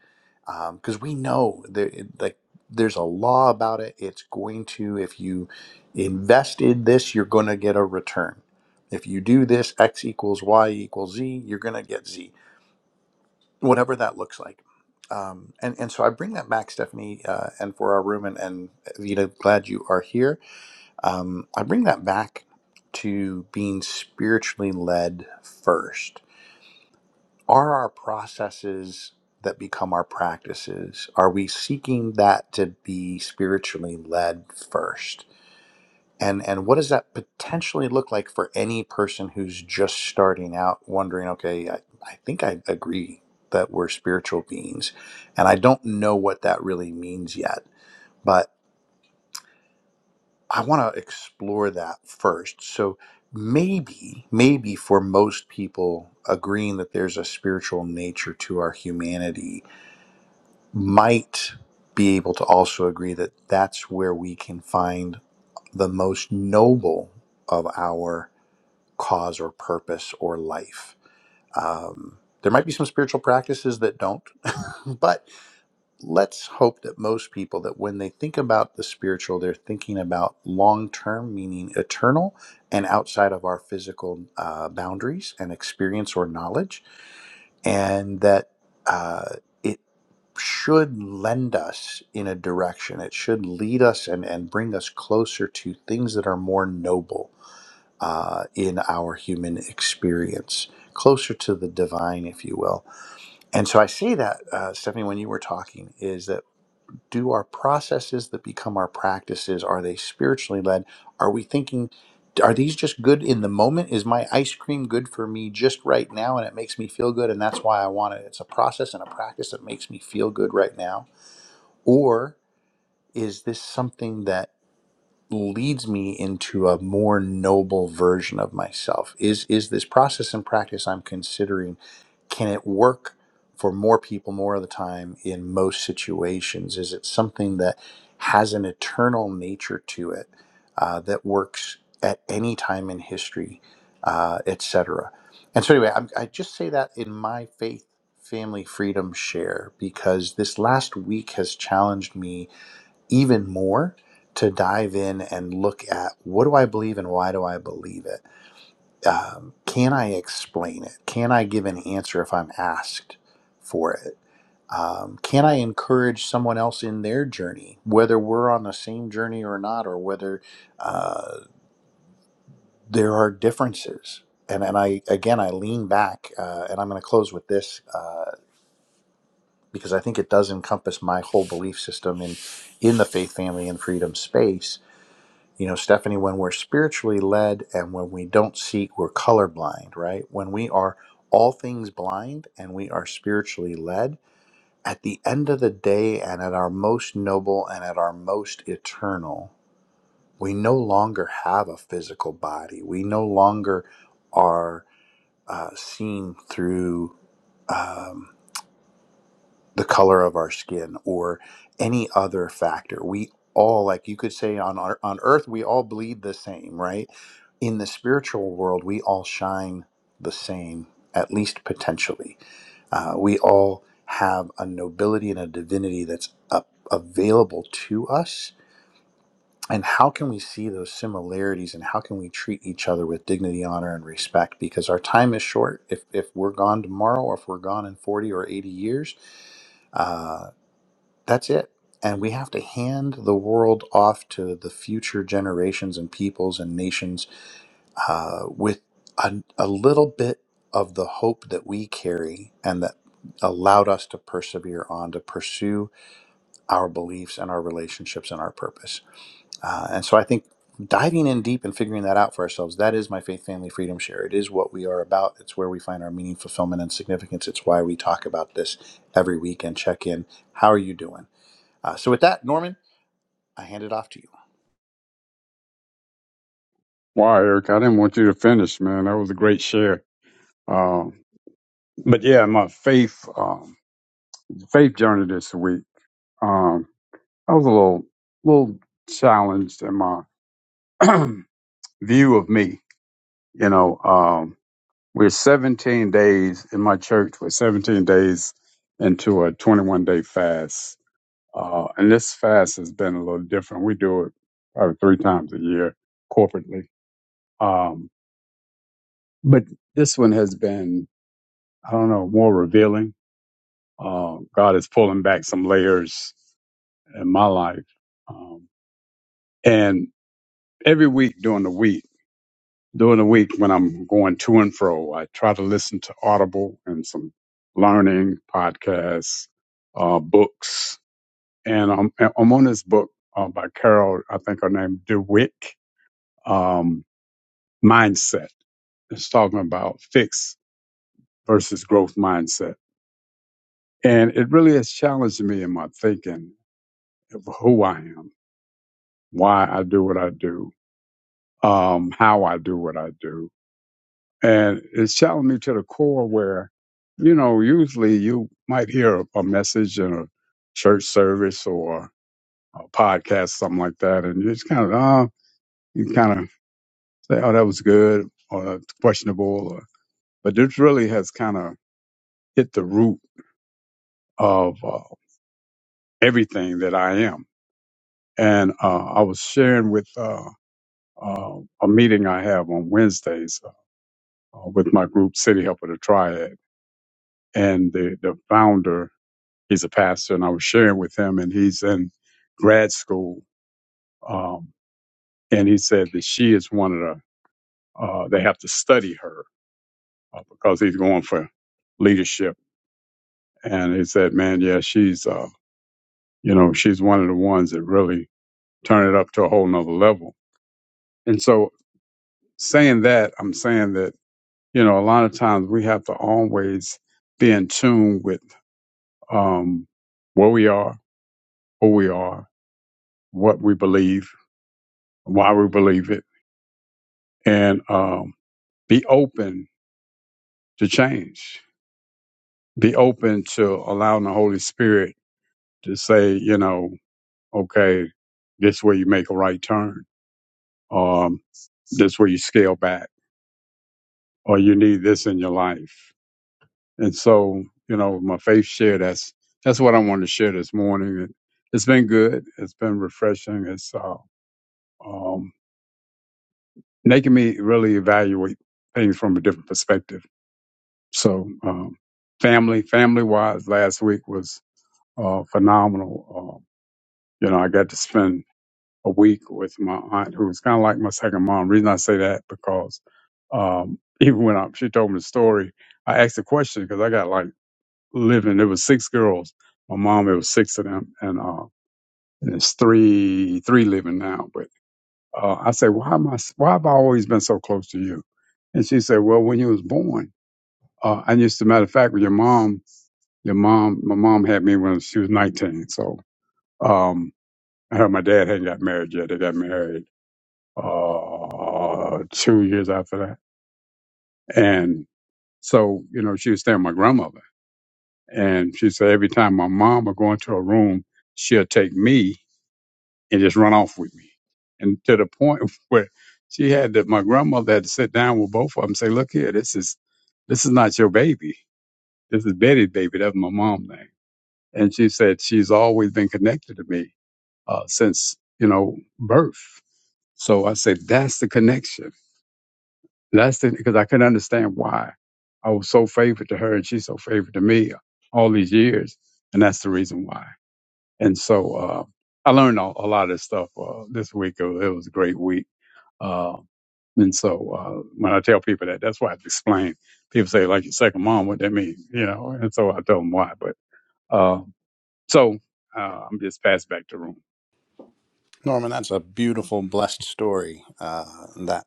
[SPEAKER 1] because we know there like there's a law about it it's going to if you invested this you're going to get a return if you do this x equals y equals z you're going to get z whatever that looks like um, and, and so I bring that back, Stephanie, uh, and for our room, and, and Vita, glad you are here um, I bring that back to being spiritually led first. Are our processes that become our practices? Are we seeking that to be spiritually led first? And and what does that potentially look like for any person who's just starting out, wondering, okay, I, I think I agree that we're spiritual beings, and I don't know what that really means yet. but. I want to explore that first. So maybe, maybe for most people, agreeing that there's a spiritual nature to our humanity might be able to also agree that that's where we can find the most noble of our cause or purpose or life. Um, there might be some spiritual practices that don't, but let's hope that most people that when they think about the spiritual they're thinking about long term meaning eternal and outside of our physical uh, boundaries and experience or knowledge and that uh, it should lend us in a direction it should lead us and, and bring us closer to things that are more noble uh, in our human experience closer to the divine if you will and so i say that uh, stephanie when you were talking is that do our processes that become our practices are they spiritually led are we thinking are these just good in the moment is my ice cream good for me just right now and it makes me feel good and that's why i want it it's a process and a practice that makes me feel good right now or is this something that leads me into a more noble version of myself is is this process and practice i'm considering can it work for more people more of the time in most situations is it something that has an eternal nature to it uh, that works at any time in history uh, etc and so anyway I'm, i just say that in my faith family freedom share because this last week has challenged me even more to dive in and look at what do I believe and why do I believe it? Um, can I explain it? Can I give an answer if I'm asked for it? Um, can I encourage someone else in their journey, whether we're on the same journey or not, or whether uh, there are differences? And, and I again I lean back uh, and I'm going to close with this uh, because I think it does encompass my whole belief system in in the faith family and freedom space You know, Stephanie, when we're spiritually led and when we don't seek, we're colorblind, right? When we are all things blind and we are spiritually led, at the end of the day and at our most noble and at our most eternal, we no longer have a physical body. We no longer are uh, seen through. Um, the color of our skin or any other factor. We all, like you could say on our, on earth, we all bleed the same, right? In the spiritual world, we all shine the same, at least potentially. Uh, we all have a nobility and a divinity that's up, available to us. And how can we see those similarities and how can we treat each other with dignity, honor, and respect? Because our time is short. If, if we're gone tomorrow or if we're gone in 40 or 80 years, uh, that's it. And we have to hand the world off to the future generations and peoples and nations uh, with a, a little bit of the hope that we carry and that allowed us to persevere on to pursue our beliefs and our relationships and our purpose. Uh, and so I think diving in deep and figuring that out for ourselves that is my faith family freedom share it is what we are about it's where we find our meaning fulfillment and significance it's why we talk about this every week and check in how are you doing uh, so with that norman I hand it off to you.
[SPEAKER 2] Wow, Eric, I didn't want you to finish, man. That was a great share. Um, but yeah, my faith um, faith journey this week. Um, I was a little little challenged in my view of me. You know, We're 17 days in my church. We're 17 days into a 21 day fast. Uh, and this fast has been a little different. We do it probably three times a year corporately. Um, but this one has been, I don't know, more revealing. Uh, God is pulling back some layers in my life. Um, and every week during the week, During the week when I'm going to and fro, I try to listen to Audible and some learning podcasts, uh, books. And I'm, I'm on this book uh, by Carol, I think her name, DeWitt, um, Mindset. It's talking about fixed versus growth mindset. And it really has challenged me in my thinking of who I am, why I do what I do, um, how I do what I do and it's challenged me to the core where you know usually you might hear a, a message in a church service or a podcast something like that and you just kind of oh you kind of say oh that was good or "That's questionable or, but this really has kind of hit the root of uh, everything that i am and uh, i was sharing with uh, uh, a meeting i have on wednesdays uh, with my group city help of the triad and the, the founder He's a pastor, and I was sharing with him, and he's in grad school. Um, and he said that she is one of the, uh, they have to study her uh, because he's going for leadership. And he said, man, yeah, she's, uh, you know, she's one of the ones that really turn it up to a whole nother level. And so saying that, I'm saying that, you know, a lot of times we have to always be in tune with um, where we are, who we are, what we believe, why we believe it. And um, Be open to change. Be open to allowing the Holy Spirit to say, you know, okay, this way you make a right turn. Um, this way you scale back, or you need this in your life. And so, you know, my faith share. That's that's what I wanted to share this morning. It, it's been good. It's been refreshing. It's uh, um, making me really evaluate things from a different perspective. So, um, family, family wise, last week was uh, phenomenal. Uh, you know, I got to spend a week with my aunt, who was kind of like my second mom. Reason I say that because um, even when I, she told me the story, I asked the question because I got like living. There was six girls. My mom, it was six of them, and uh, and it's three three living now. But uh, I said, why am I? s- Why have I always been so close to you? And she said, well, when you was born, uh, and just a matter of fact, with your mom, your mom, my mom had me when she was nineteen. So. Um, Uh, my dad hadn't got married yet. They got married uh, two years after that. And so, you know, she was staying with my grandmother. And she said every time my mom would go into a room, she'll take me and just run off with me. And to the point where she had to, my grandmother had to sit down with both of them and say, look here, this is, this is not your baby. This is Betty's baby. That's my mom's name. And she said she's always been connected to me uh, since, you know, birth So I said, that's the connection. That's the, because I couldn't understand why I was so favored to her and she's so favored to me all these years. And that's the reason why. And so, uh, I learned a, a lot of stuff, uh, this week. It was, it was a great week. Uh, and so, uh, when I tell people that, that's why I have to explain. People say, like your second mom, what that mean? You know, and so I tell them why, but, uh, so, uh, I'm just passed back to the room.
[SPEAKER 1] Norman, that's a beautiful, blessed story, uh, that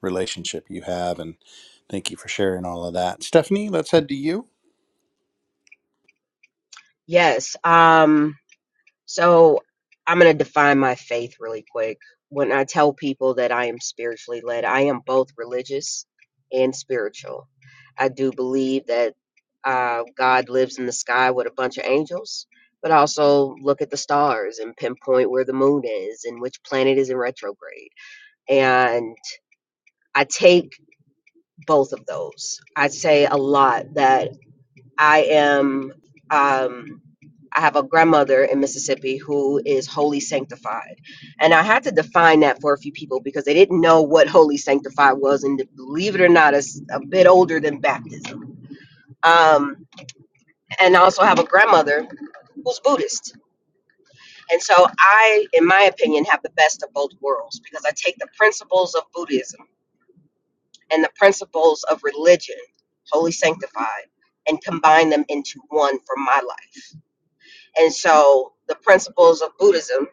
[SPEAKER 1] relationship you have. And thank you for sharing all of that. Stephanie, let's head to you.
[SPEAKER 3] Yes. Um, So I'm going to define my faith really quick. When I tell people that I am spiritually led, I am both religious and spiritual. I do believe that uh, God lives in the sky with a bunch of angels, but also look at the stars and pinpoint where the moon is and which planet is in retrograde. And I take both of those. I say a lot that I am. Um, I have a grandmother in Mississippi who is wholly sanctified. And I had to define that for a few people because they didn't know what holy sanctified was. And believe it or not, it's a bit older than baptism. Um, and I also have a grandmother who's Buddhist. And so I, in my opinion, have the best of both worlds because I take the principles of Buddhism and the principles of religion, holy sanctified, and combine them into one for my life. And so the principles of Buddhism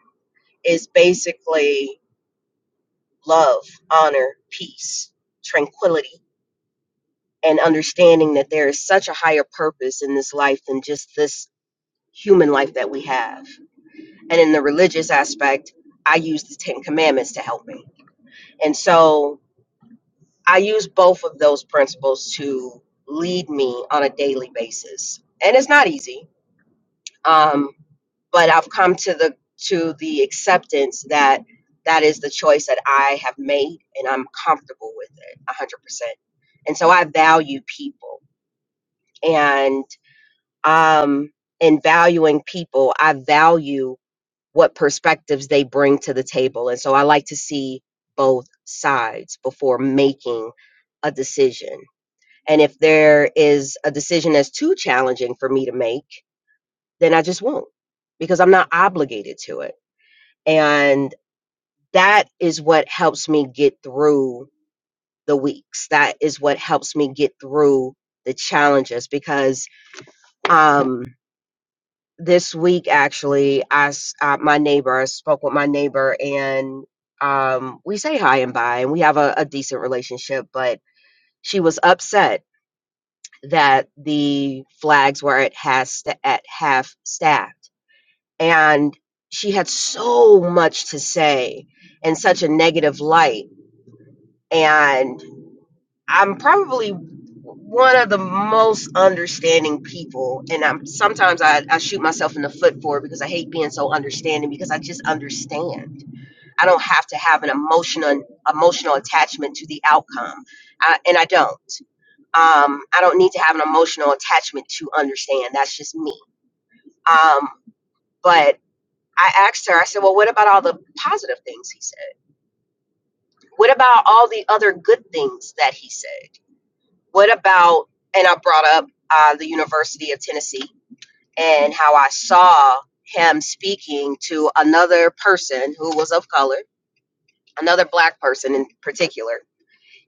[SPEAKER 3] is basically love, honor, peace, tranquility, and understanding that there is such a higher purpose in this life than just this human life that we have. And in the religious aspect, I use the Ten Commandments to help me. And so I use both of those principles to lead me on a daily basis. And it's not easy. Um, but I've come to the to the acceptance that that is the choice that I have made and I'm comfortable with it 100%. And so I value people and um in valuing people, I value what perspectives they bring to the table. And so I like to see both sides before making a decision. And if there is a decision that's too challenging for me to make, then I just won't because I'm not obligated to it. And that is what helps me get through the weeks. That is what helps me get through the challenges because um this week actually I s- uh, my neighbor I spoke with my neighbor and um we say hi and bye and we have a, a decent relationship but she was upset that the flags were at half sta at half staffed and she had so much to say in such a negative light and I'm probably one of the most understanding people, and I'm sometimes I, I shoot myself in the foot for it because I hate being so understanding because I just understand. I don't have to have an emotional emotional attachment to the outcome, I, and I don't. Um, I don't need to have an emotional attachment to understand. That's just me. Um, but I asked her. I said, "Well, what about all the positive things he said? What about all the other good things that he said?" What about, and I brought up uh, the University of Tennessee and how I saw him speaking to another person who was of color, another black person in particular.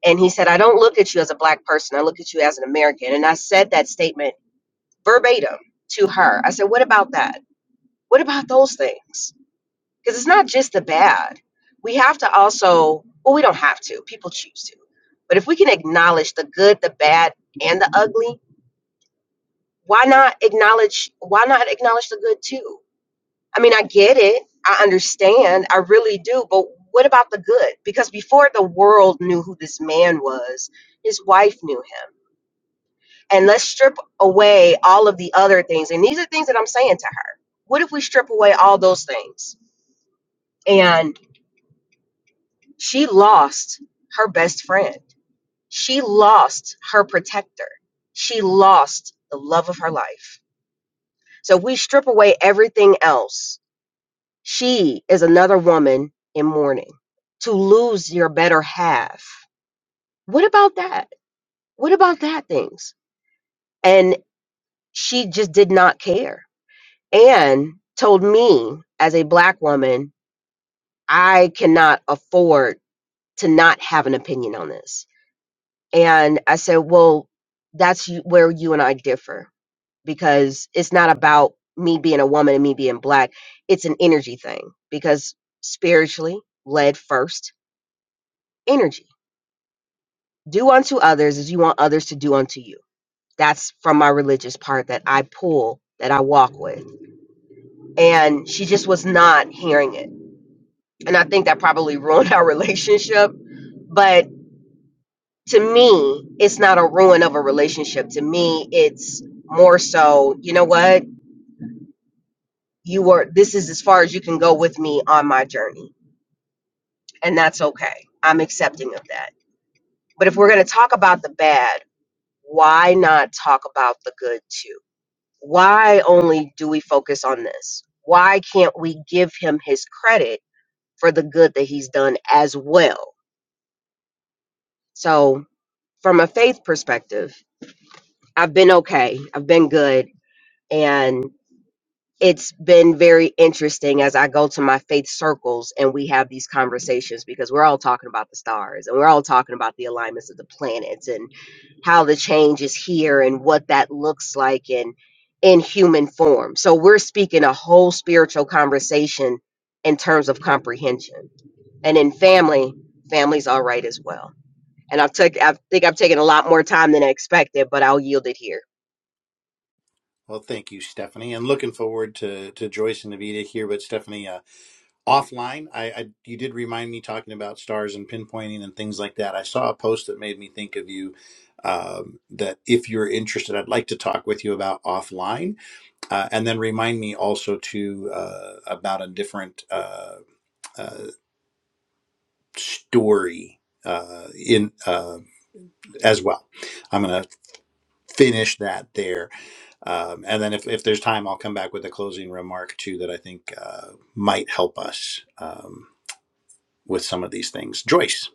[SPEAKER 3] And he said, I don't look at you as a black person, I look at you as an American. And I said that statement verbatim to her. I said, What about that? What about those things? Because it's not just the bad. We have to also, well, we don't have to, people choose to. But if we can acknowledge the good, the bad, and the ugly, why not acknowledge why not acknowledge the good too i mean i get it i understand i really do but what about the good because before the world knew who this man was his wife knew him and let's strip away all of the other things and these are things that i'm saying to her what if we strip away all those things and she lost her best friend she lost her protector she lost the love of her life so if we strip away everything else She is another woman in mourning. To lose your better half. What about that? What about that things? And she just did not care and told me, as a black woman, I cannot afford to not have an opinion on this. And I said, well, that's you- where you and I differ because it's not about me being a woman and me being black. It's an energy thing because spiritually led first energy do unto others as you want others to do unto you. That's from my religious part that I pull, that I walk with. And she just was not hearing it. And I think that probably ruined our relationship. But to me, it's not a ruin of a relationship. To me, it's more so, you know what? You were, this is as far as you can go with me on my journey. And that's okay. I'm accepting of that. But if we're going to talk about the bad, why not talk about the good too? why only do we focus on this? Why can't we give him his credit for the good that he's done as well? So, from a faith perspective, I've been okay, I've been good, and. it's been very interesting as I go to my faith circles and we have these conversations because we're all talking about the stars and we're all talking about the alignments of the planets and how the change is here and what that looks like in in human form. So we're speaking a whole spiritual conversation in terms of comprehension. And in family, family's all right as well. And I've took I think I've taken a lot more time than I expected, but I'll yield it here.
[SPEAKER 1] Well, thank you, Stephanie. And looking forward to, to Joyce and Evita here. But, Stephanie, uh, offline, I, I you did remind me talking about stars and pinpointing and things like that. I saw a post that made me think of you um, that if you're interested, I'd like to talk with you about offline Uh, and then remind me also to uh, about a different uh, uh, story uh, in uh, as well. I'm going to finish that there, um, and then if, if there's time, I'll come back with a closing remark too that I think uh, might help us um, with some of these things. Joyce,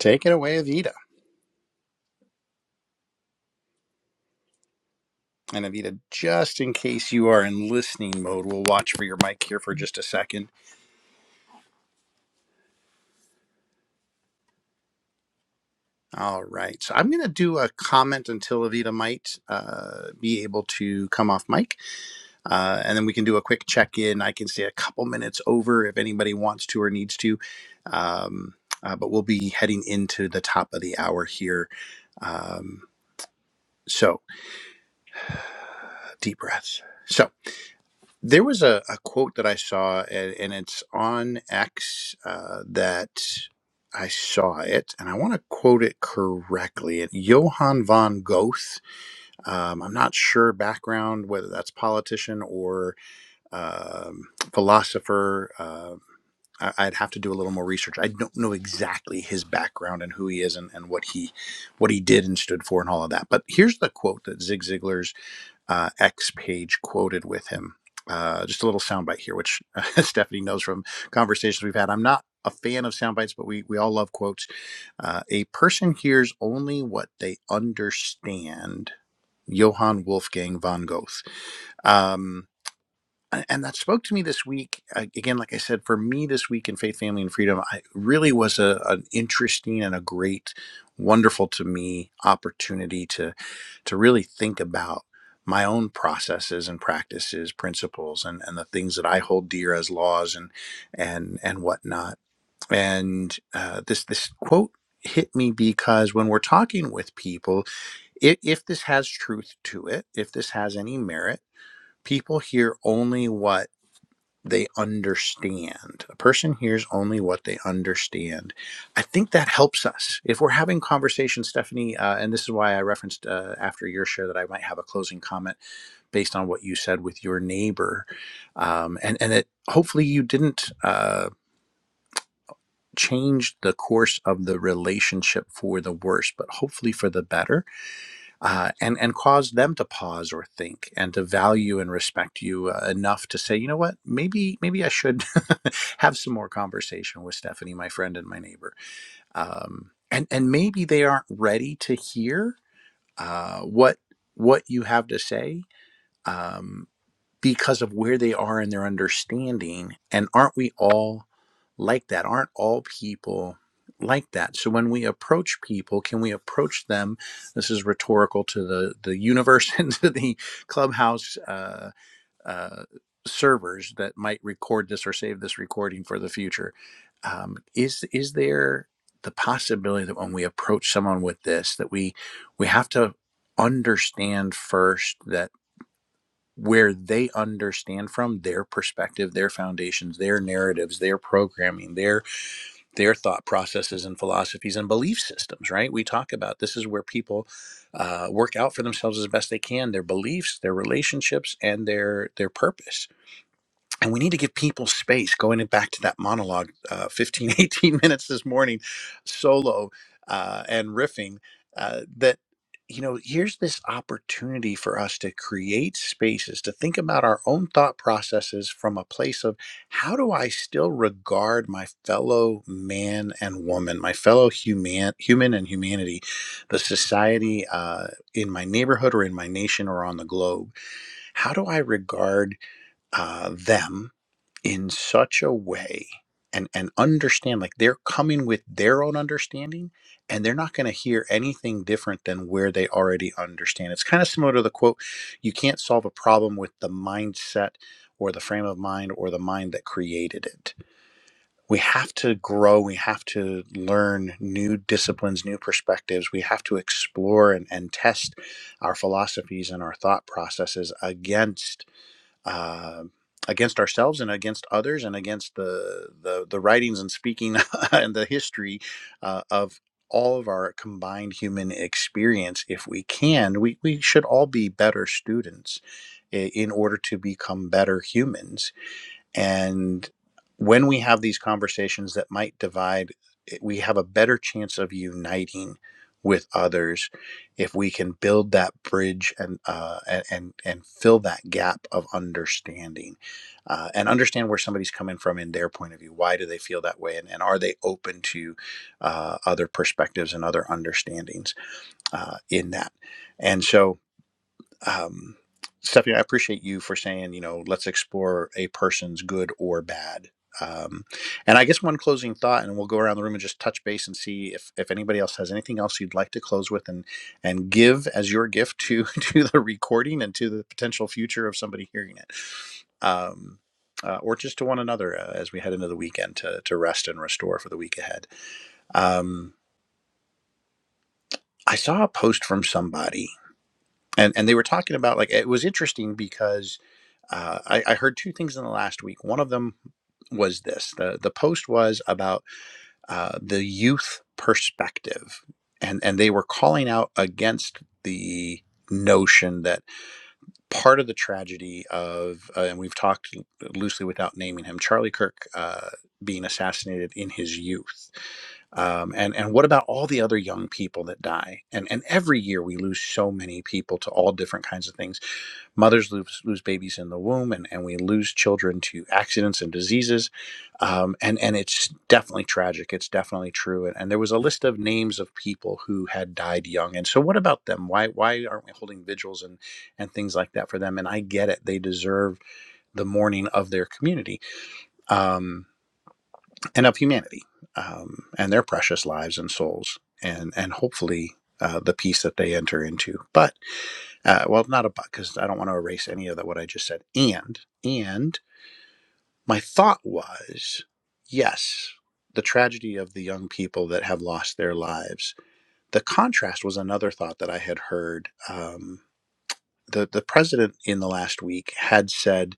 [SPEAKER 1] take it away, Evita. And Evita, just in case you are in listening mode, we'll watch for your mic here for just a second All right. So I'm going to do a comment until Avita might uh, be able to come off mic. Uh, and then we can do a quick check in. I can stay a couple minutes over if anybody wants to or needs to. Um, uh, but we'll be heading into the top of the hour here. Um, so deep breath. So there was a, a quote that I saw, and, and it's on X uh, that I saw it, and I want to quote it correctly. It Johann von Goethe Um, I'm not sure background whether that's politician or um, philosopher. Uh, I- I'd have to do a little more research. I don't know exactly his background and who he is and, and what he what he did and stood for and all of that. But here's the quote that Zig Ziglar's uh, X page quoted with him. Uh, just a little soundbite here, which uh, Stephanie knows from conversations we've had. I'm not a fan of soundbites, but we, we all love quotes. Uh, a person hears only what they understand. Johann Wolfgang von Goethe. Um, and that spoke to me this week again like i said for me this week in faith family and freedom i really was a, an interesting and a great wonderful to me opportunity to to really think about my own processes and practices principles and and the things that i hold dear as laws and and and whatnot and uh, this this quote hit me because when we're talking with people if, if this has truth to it if this has any merit people hear only what they understand. A person hears only what they understand. I think that helps us. If we're having conversations, Stephanie, uh, and this is why I referenced uh, after your share that I might have a closing comment based on what you said with your neighbor, um, and and that hopefully you didn't. Uh, change the course of the relationship for the worse but hopefully for the better uh, and and cause them to pause or think and to value and respect you uh, enough to say, you know what, maybe maybe I should have some more conversation with Stephanie, my friend and my neighbor, um, and and maybe they aren't ready to hear uh, what what you have to say. Um, because of where they are in their understanding. And aren't we all like that? Aren't all people like that? So when we approach people, can we approach them? This is rhetorical to the the universe and to the clubhouse uh, uh, servers that might record this or save this recording for the future. Um, is is there the possibility that when we approach someone with this, that we we have to understand first that where they understand from their perspective their foundations their narratives their programming their their thought processes and philosophies and belief systems right we talk about this is where people uh, work out for themselves as best they can their beliefs their relationships and their their purpose and we need to give people space going back to that monologue uh, 15 eighteen minutes this morning solo uh, and riffing uh, that you know here's this opportunity for us to create spaces to think about our own thought processes from a place of how do i still regard my fellow man and woman my fellow human human and humanity the society uh, in my neighborhood or in my nation or on the globe how do i regard uh, them in such a way and and understand like they're coming with their own understanding and they're not going to hear anything different than where they already understand it's kind of similar to the quote you can't solve a problem with the mindset or the frame of mind or the mind that created it we have to grow we have to learn new disciplines new perspectives we have to explore and, and test our philosophies and our thought processes against uh, against ourselves and against others and against the the, the writings and speaking and the history uh, of all of our combined human experience if we can we, we should all be better students i- in order to become better humans and when we have these conversations that might divide, eh, we have a better chance of uniting with others if we can build that bridge and uh, and and and fill that gap of understanding uh, and understand where somebody's coming from in their point of view. Why do they feel that way, and, and are they open to uh, other perspectives and other understandings uh, in that? And so um, Stephanie, I appreciate you for saying, you know, let's explore a person's good or bad. Um, and I guess one closing thought, and we'll go around the room and just touch base and see if, if anybody else has anything else you'd like to close with and and give as your gift to to the recording and to the potential future of somebody hearing it, um, uh, or just to one another uh, as we head into the weekend to to rest and restore for the week ahead. Um, I saw a post from somebody and and they were talking about like it was interesting because uh, I, I heard two things in the last week. One of them was this: the the post was about uh, the youth perspective, and and they were calling out against the notion that part of the tragedy of uh, and we've talked loosely without naming him Charlie Kirk uh, being assassinated in his youth um, and and what about all the other young people that die and and every year we lose so many people to all different kinds of things Mothers lose, lose babies in the womb, and, and we lose children to accidents and diseases. Um, and, and it's definitely tragic. It's definitely true. And, and there was a list of names of people who had died young. And so, what about them? Why, why aren't we holding vigils and, and things like that for them? And I get it. They deserve the mourning of their community um, and of humanity um, and their precious lives and souls. And, and hopefully, uh, the peace that they enter into. But uh, well, not a about because I don't want to erase any of that what I just said. And and my thought was, yes, the tragedy of the young people that have lost their lives. The contrast was another thought that I had heard. Um, the the president in the last week had said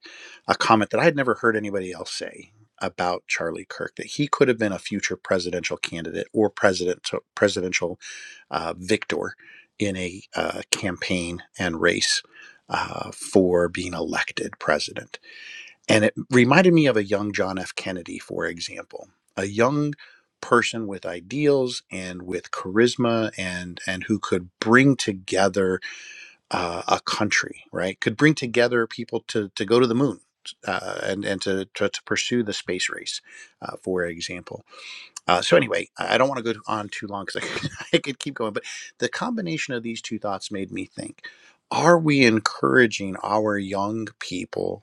[SPEAKER 1] a comment that I had never heard anybody else say about Charlie Kirk that he could have been a future presidential candidate or president so, presidential uh, victor in a uh, campaign and race uh, for being elected president. And it reminded me of a young John F. Kennedy, for example, a young person with ideals and with charisma and and who could bring together uh, a country, right? Could bring together people to to go to the moon uh, and and to, to to pursue the space race, uh, for example. Uh, so anyway, I don't want to go on too long because I, could- I could keep going, but the combination of these two thoughts made me think: Are we encouraging our young people?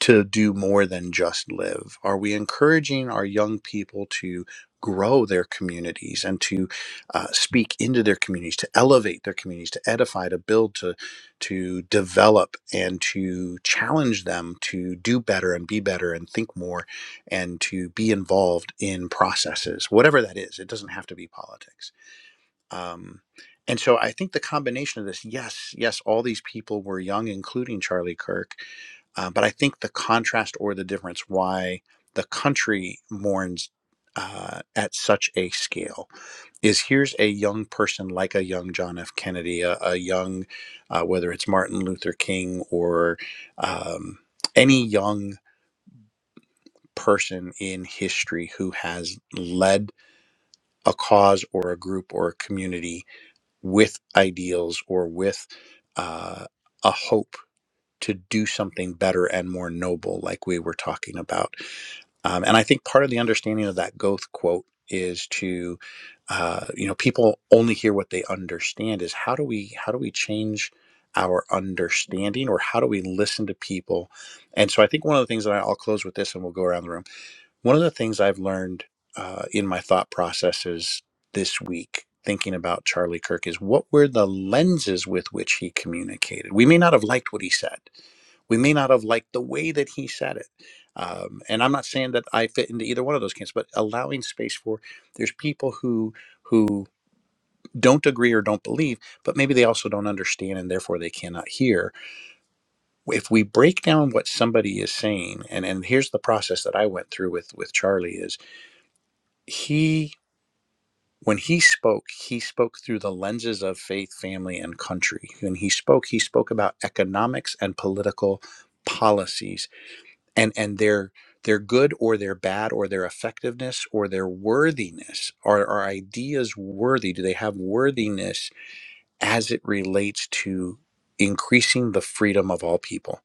[SPEAKER 1] to do more than just live? Are we encouraging our young people to grow their communities and to uh, speak into their communities, to elevate their communities, to edify, to build, to to develop, and to challenge them to do better and be better and think more, and to be involved in processes, whatever that is. It doesn't have to be politics. Um, and so I think the combination of this, yes, yes, all these people were young, including Charlie Kirk, uh, but I think the contrast or the difference why the country mourns uh, at such a scale is here's a young person like a young John F. Kennedy, a, a young, uh, whether it's Martin Luther King or um, any young person in history who has led a cause or a group or a community with ideals or with uh, a hope to do something better and more noble, like we were talking about Um, and I think part of the understanding of that Goethe quote is to, uh, you know, people only hear what they understand. Is how do we how do we change our understanding, or how do we listen to people? And so I think one of the things that I, I'll close with this, and we'll go around the room. One of the things I've learned uh, in my thought processes this week. Thinking about Charlie Kirk is what were the lenses with which he communicated? We may not have liked what he said we may not have liked the way that he said it. Um, and I'm not saying that I fit into either one of those camps, but allowing space for there's people who who don't agree or don't believe, but maybe they also don't understand and therefore they cannot hear. If we break down what somebody is saying, and, and here's the process that I went through with with Charlie is he when he spoke, he spoke through the lenses of faith, family, and country. When he spoke, he spoke about economics and political policies and and their their good or their bad or their effectiveness or their worthiness are are ideas worthy do they have worthiness as it relates to increasing the freedom of all people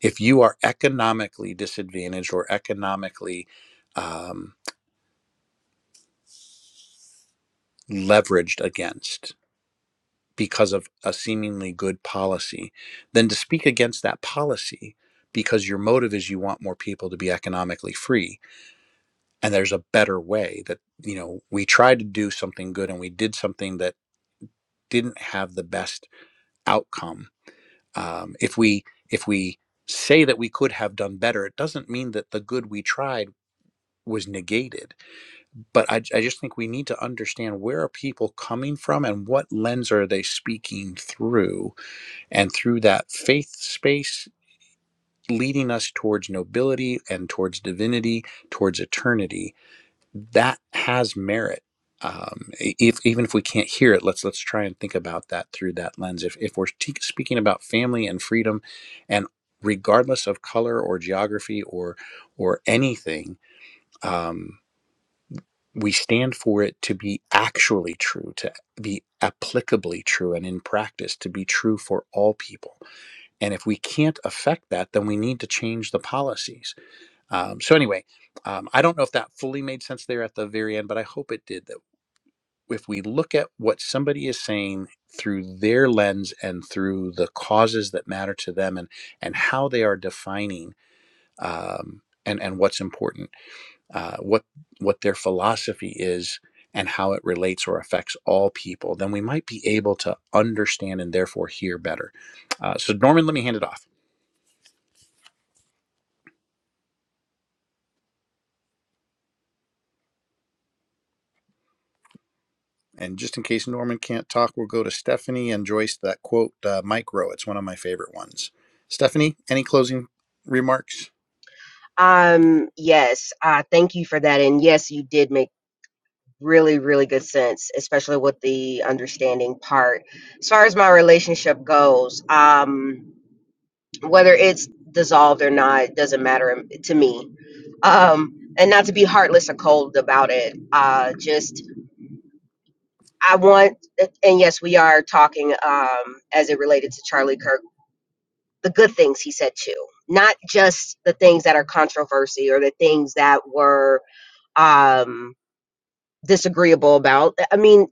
[SPEAKER 1] if you are economically disadvantaged or economically um, leveraged against because of a seemingly good policy then to speak against that policy because your motive is you want more people to be economically free and there's a better way that you know we tried to do something good and we did something that didn't have the best outcome um, if we if we say that we could have done better it doesn't mean that the good we tried was negated but I, I just think we need to understand where are people coming from and what lens are they speaking through and through that faith space leading us towards nobility and towards divinity towards eternity that has merit. Um, e- if, even if we can't hear it, let's let's try and think about that through that lens. If if we're t- speaking about family and freedom, and regardless of color or geography or or anything, um, we stand for it to be actually true, to be applicably true, and in practice to be true for all people. And if we can't affect that, then we need to change the policies. Um, so anyway, um, I don't know if that fully made sense there at the very end, but I hope it did. That if we look at what somebody is saying through their lens and through the causes that matter to them and and how they are defining um, and and what's important uh, what what their philosophy is and how it relates or affects all people then we might be able to understand and therefore hear better uh, so norman let me hand it off and just in case norman can't talk we'll go to stephanie and joyce that quote uh, micro it's one of my favorite ones stephanie any closing remarks
[SPEAKER 3] Um yes, uh thank you for that. And yes, you did make really really good sense especially with the understanding part as far as my relationship goes um whether it's dissolved or not it doesn't matter to me um and not to be heartless or cold about it uh just i want and yes we are talking um as it related to charlie kirk the good things he said too not just the things that are controversy or the things that were um disagreeable about. I mean,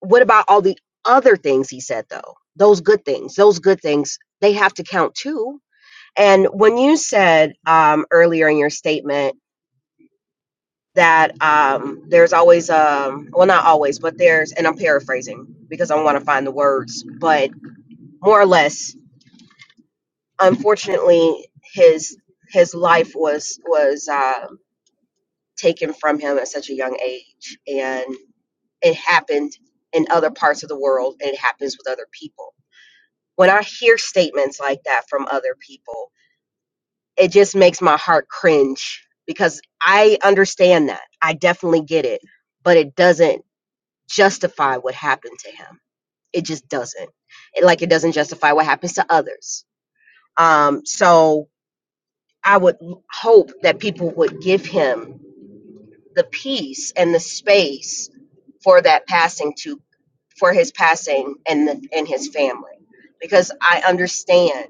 [SPEAKER 3] What about all the other things he said, though? Those good things, those good things, they have to count too. And when you said um, earlier in your statement that um, there's always, um, well, not always, but there's, and I'm paraphrasing because I want to find the words, but more or less, unfortunately, his his life was was uh, taken from him at such a young age, and it happened in other parts of the world, and it happens with other people when I hear statements like that from other people, it just makes my heart cringe because I understand that. I definitely get it, but it doesn't justify what happened to him. It just doesn't. It, like it doesn't justify what happens to others. Um, so I would hope that people would give him the peace and the space for that passing to for his passing and the, and his family because i understand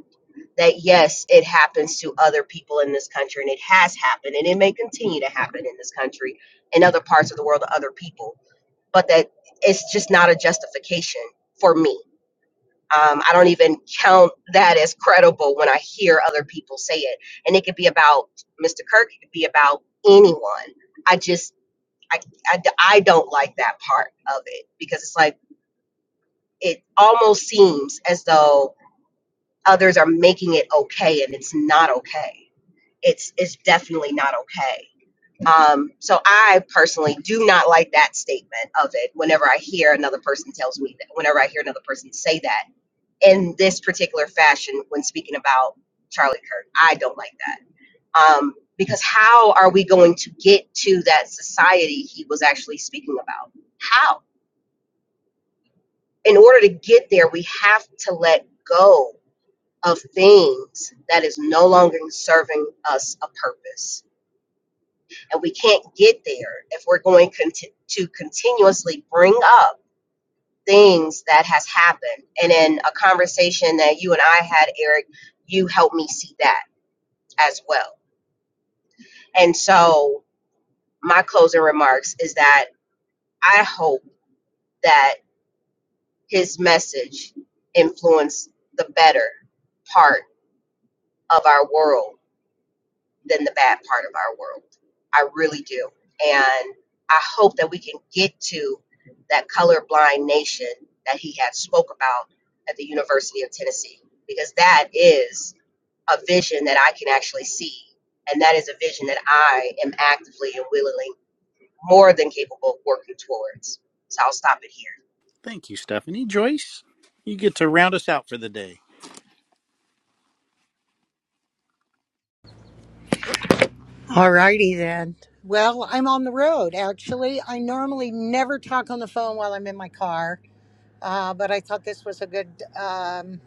[SPEAKER 3] that yes it happens to other people in this country and it has happened and it may continue to happen in this country and other parts of the world to other people but that it's just not a justification for me um, i don't even count that as credible when i hear other people say it and it could be about mr kirk it could be about anyone I just I I I, d- I don't like that part of it because it's like it almost seems as though others are making it okay and it's not okay. It's it's definitely not okay. Um, so I personally do not like that statement of it. Whenever I hear another person tells me that, whenever I hear another person say that in this particular fashion when speaking about Charlie Kirk, I don't like that. Um, because how are we going to get to that society he was actually speaking about? How? in order to get there, we have to let go of things that is no longer serving us a purpose. And we can't get there if we're going conti- to continuously bring up things that has happened. And in a conversation that you and I had, Eric, you helped me see that as well. And so my closing remarks is that I hope that his message influenced the better part of our world than the bad part of our world. I really do. And I hope that we can get to that colorblind nation that he had spoke about at the University of Tennessee because that is a vision that I can actually see and that is a vision that I am actively and willingly more than capable of working towards. So I'll stop it here.
[SPEAKER 1] Thank you, Stephanie. Joyce, you get to round us out for the day.
[SPEAKER 4] All righty then. Well, I'm on the road actually. I normally never talk on the phone while I'm in my car, uh, but I thought this was a good um,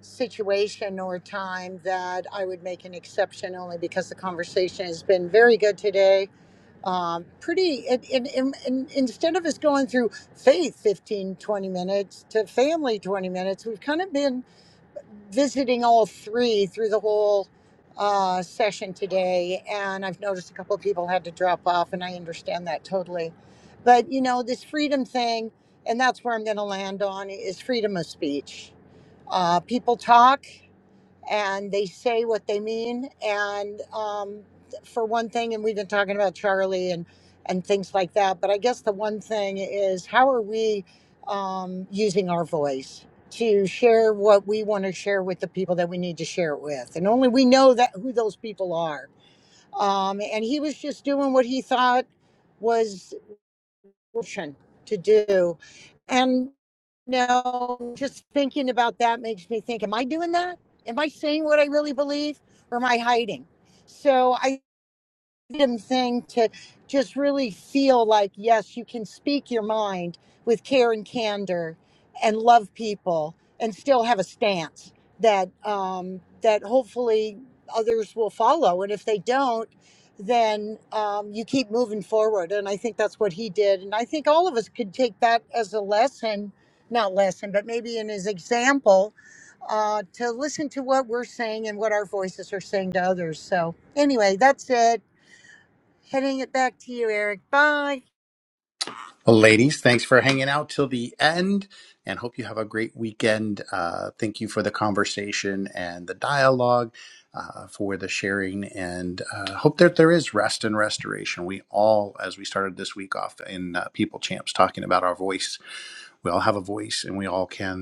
[SPEAKER 4] situation or time that I would make an exception only because the conversation has been very good today um, pretty and, and, and, and instead of us going through faith 15 20 minutes to family 20 minutes we've kind of been visiting all three through the whole uh, session today and i've noticed a couple of people had to drop off and i understand that totally but you know this freedom thing and that's where i'm going to land on is freedom of speech uh, people talk and they say what they mean. And um, for one thing, and we've been talking about Charlie and and things like that. But I guess the one thing is, how are we um, using our voice to share what we want to share with the people that we need to share it with? And only we know that who those people are. Um, and he was just doing what he thought was portion to do. And no, just thinking about that makes me think, am I doing that? Am I saying what I really believe or am I hiding? So I freedom thing to just really feel like yes you can speak your mind with care and candor and love people and still have a stance that um, that hopefully others will follow and if they don't then um, you keep moving forward and i think that's what he did and i think all of us could take that as a lesson not lesson but maybe in his example uh, to listen to what we're saying and what our voices are saying to others so anyway that's it Heading it back to you, Eric. Bye.
[SPEAKER 1] Well, ladies, thanks for hanging out till the end and hope you have a great weekend. Uh, thank you for the conversation and the dialogue, uh, for the sharing, and uh, hope that there is rest and restoration. We all, as we started this week off in uh, People Champs, talking about our voice, we all have a voice and we all can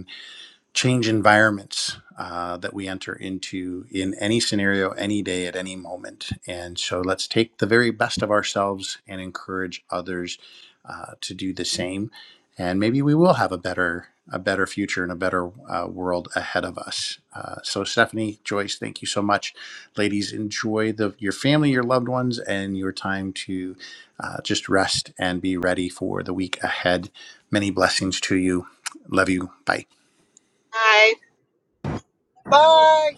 [SPEAKER 1] change environments uh, that we enter into in any scenario, any day, at any moment. And so let's take the very best of ourselves and encourage others uh, to do the same. And maybe we will have a better a better future and a better uh, world ahead of us. Uh, so, Stephanie, Joyce, thank you so much, ladies. Enjoy the your family, your loved ones, and your time to uh, just rest and be ready for the week ahead. Many blessings to you. Love you. Bye.
[SPEAKER 3] Hi,
[SPEAKER 4] Bye.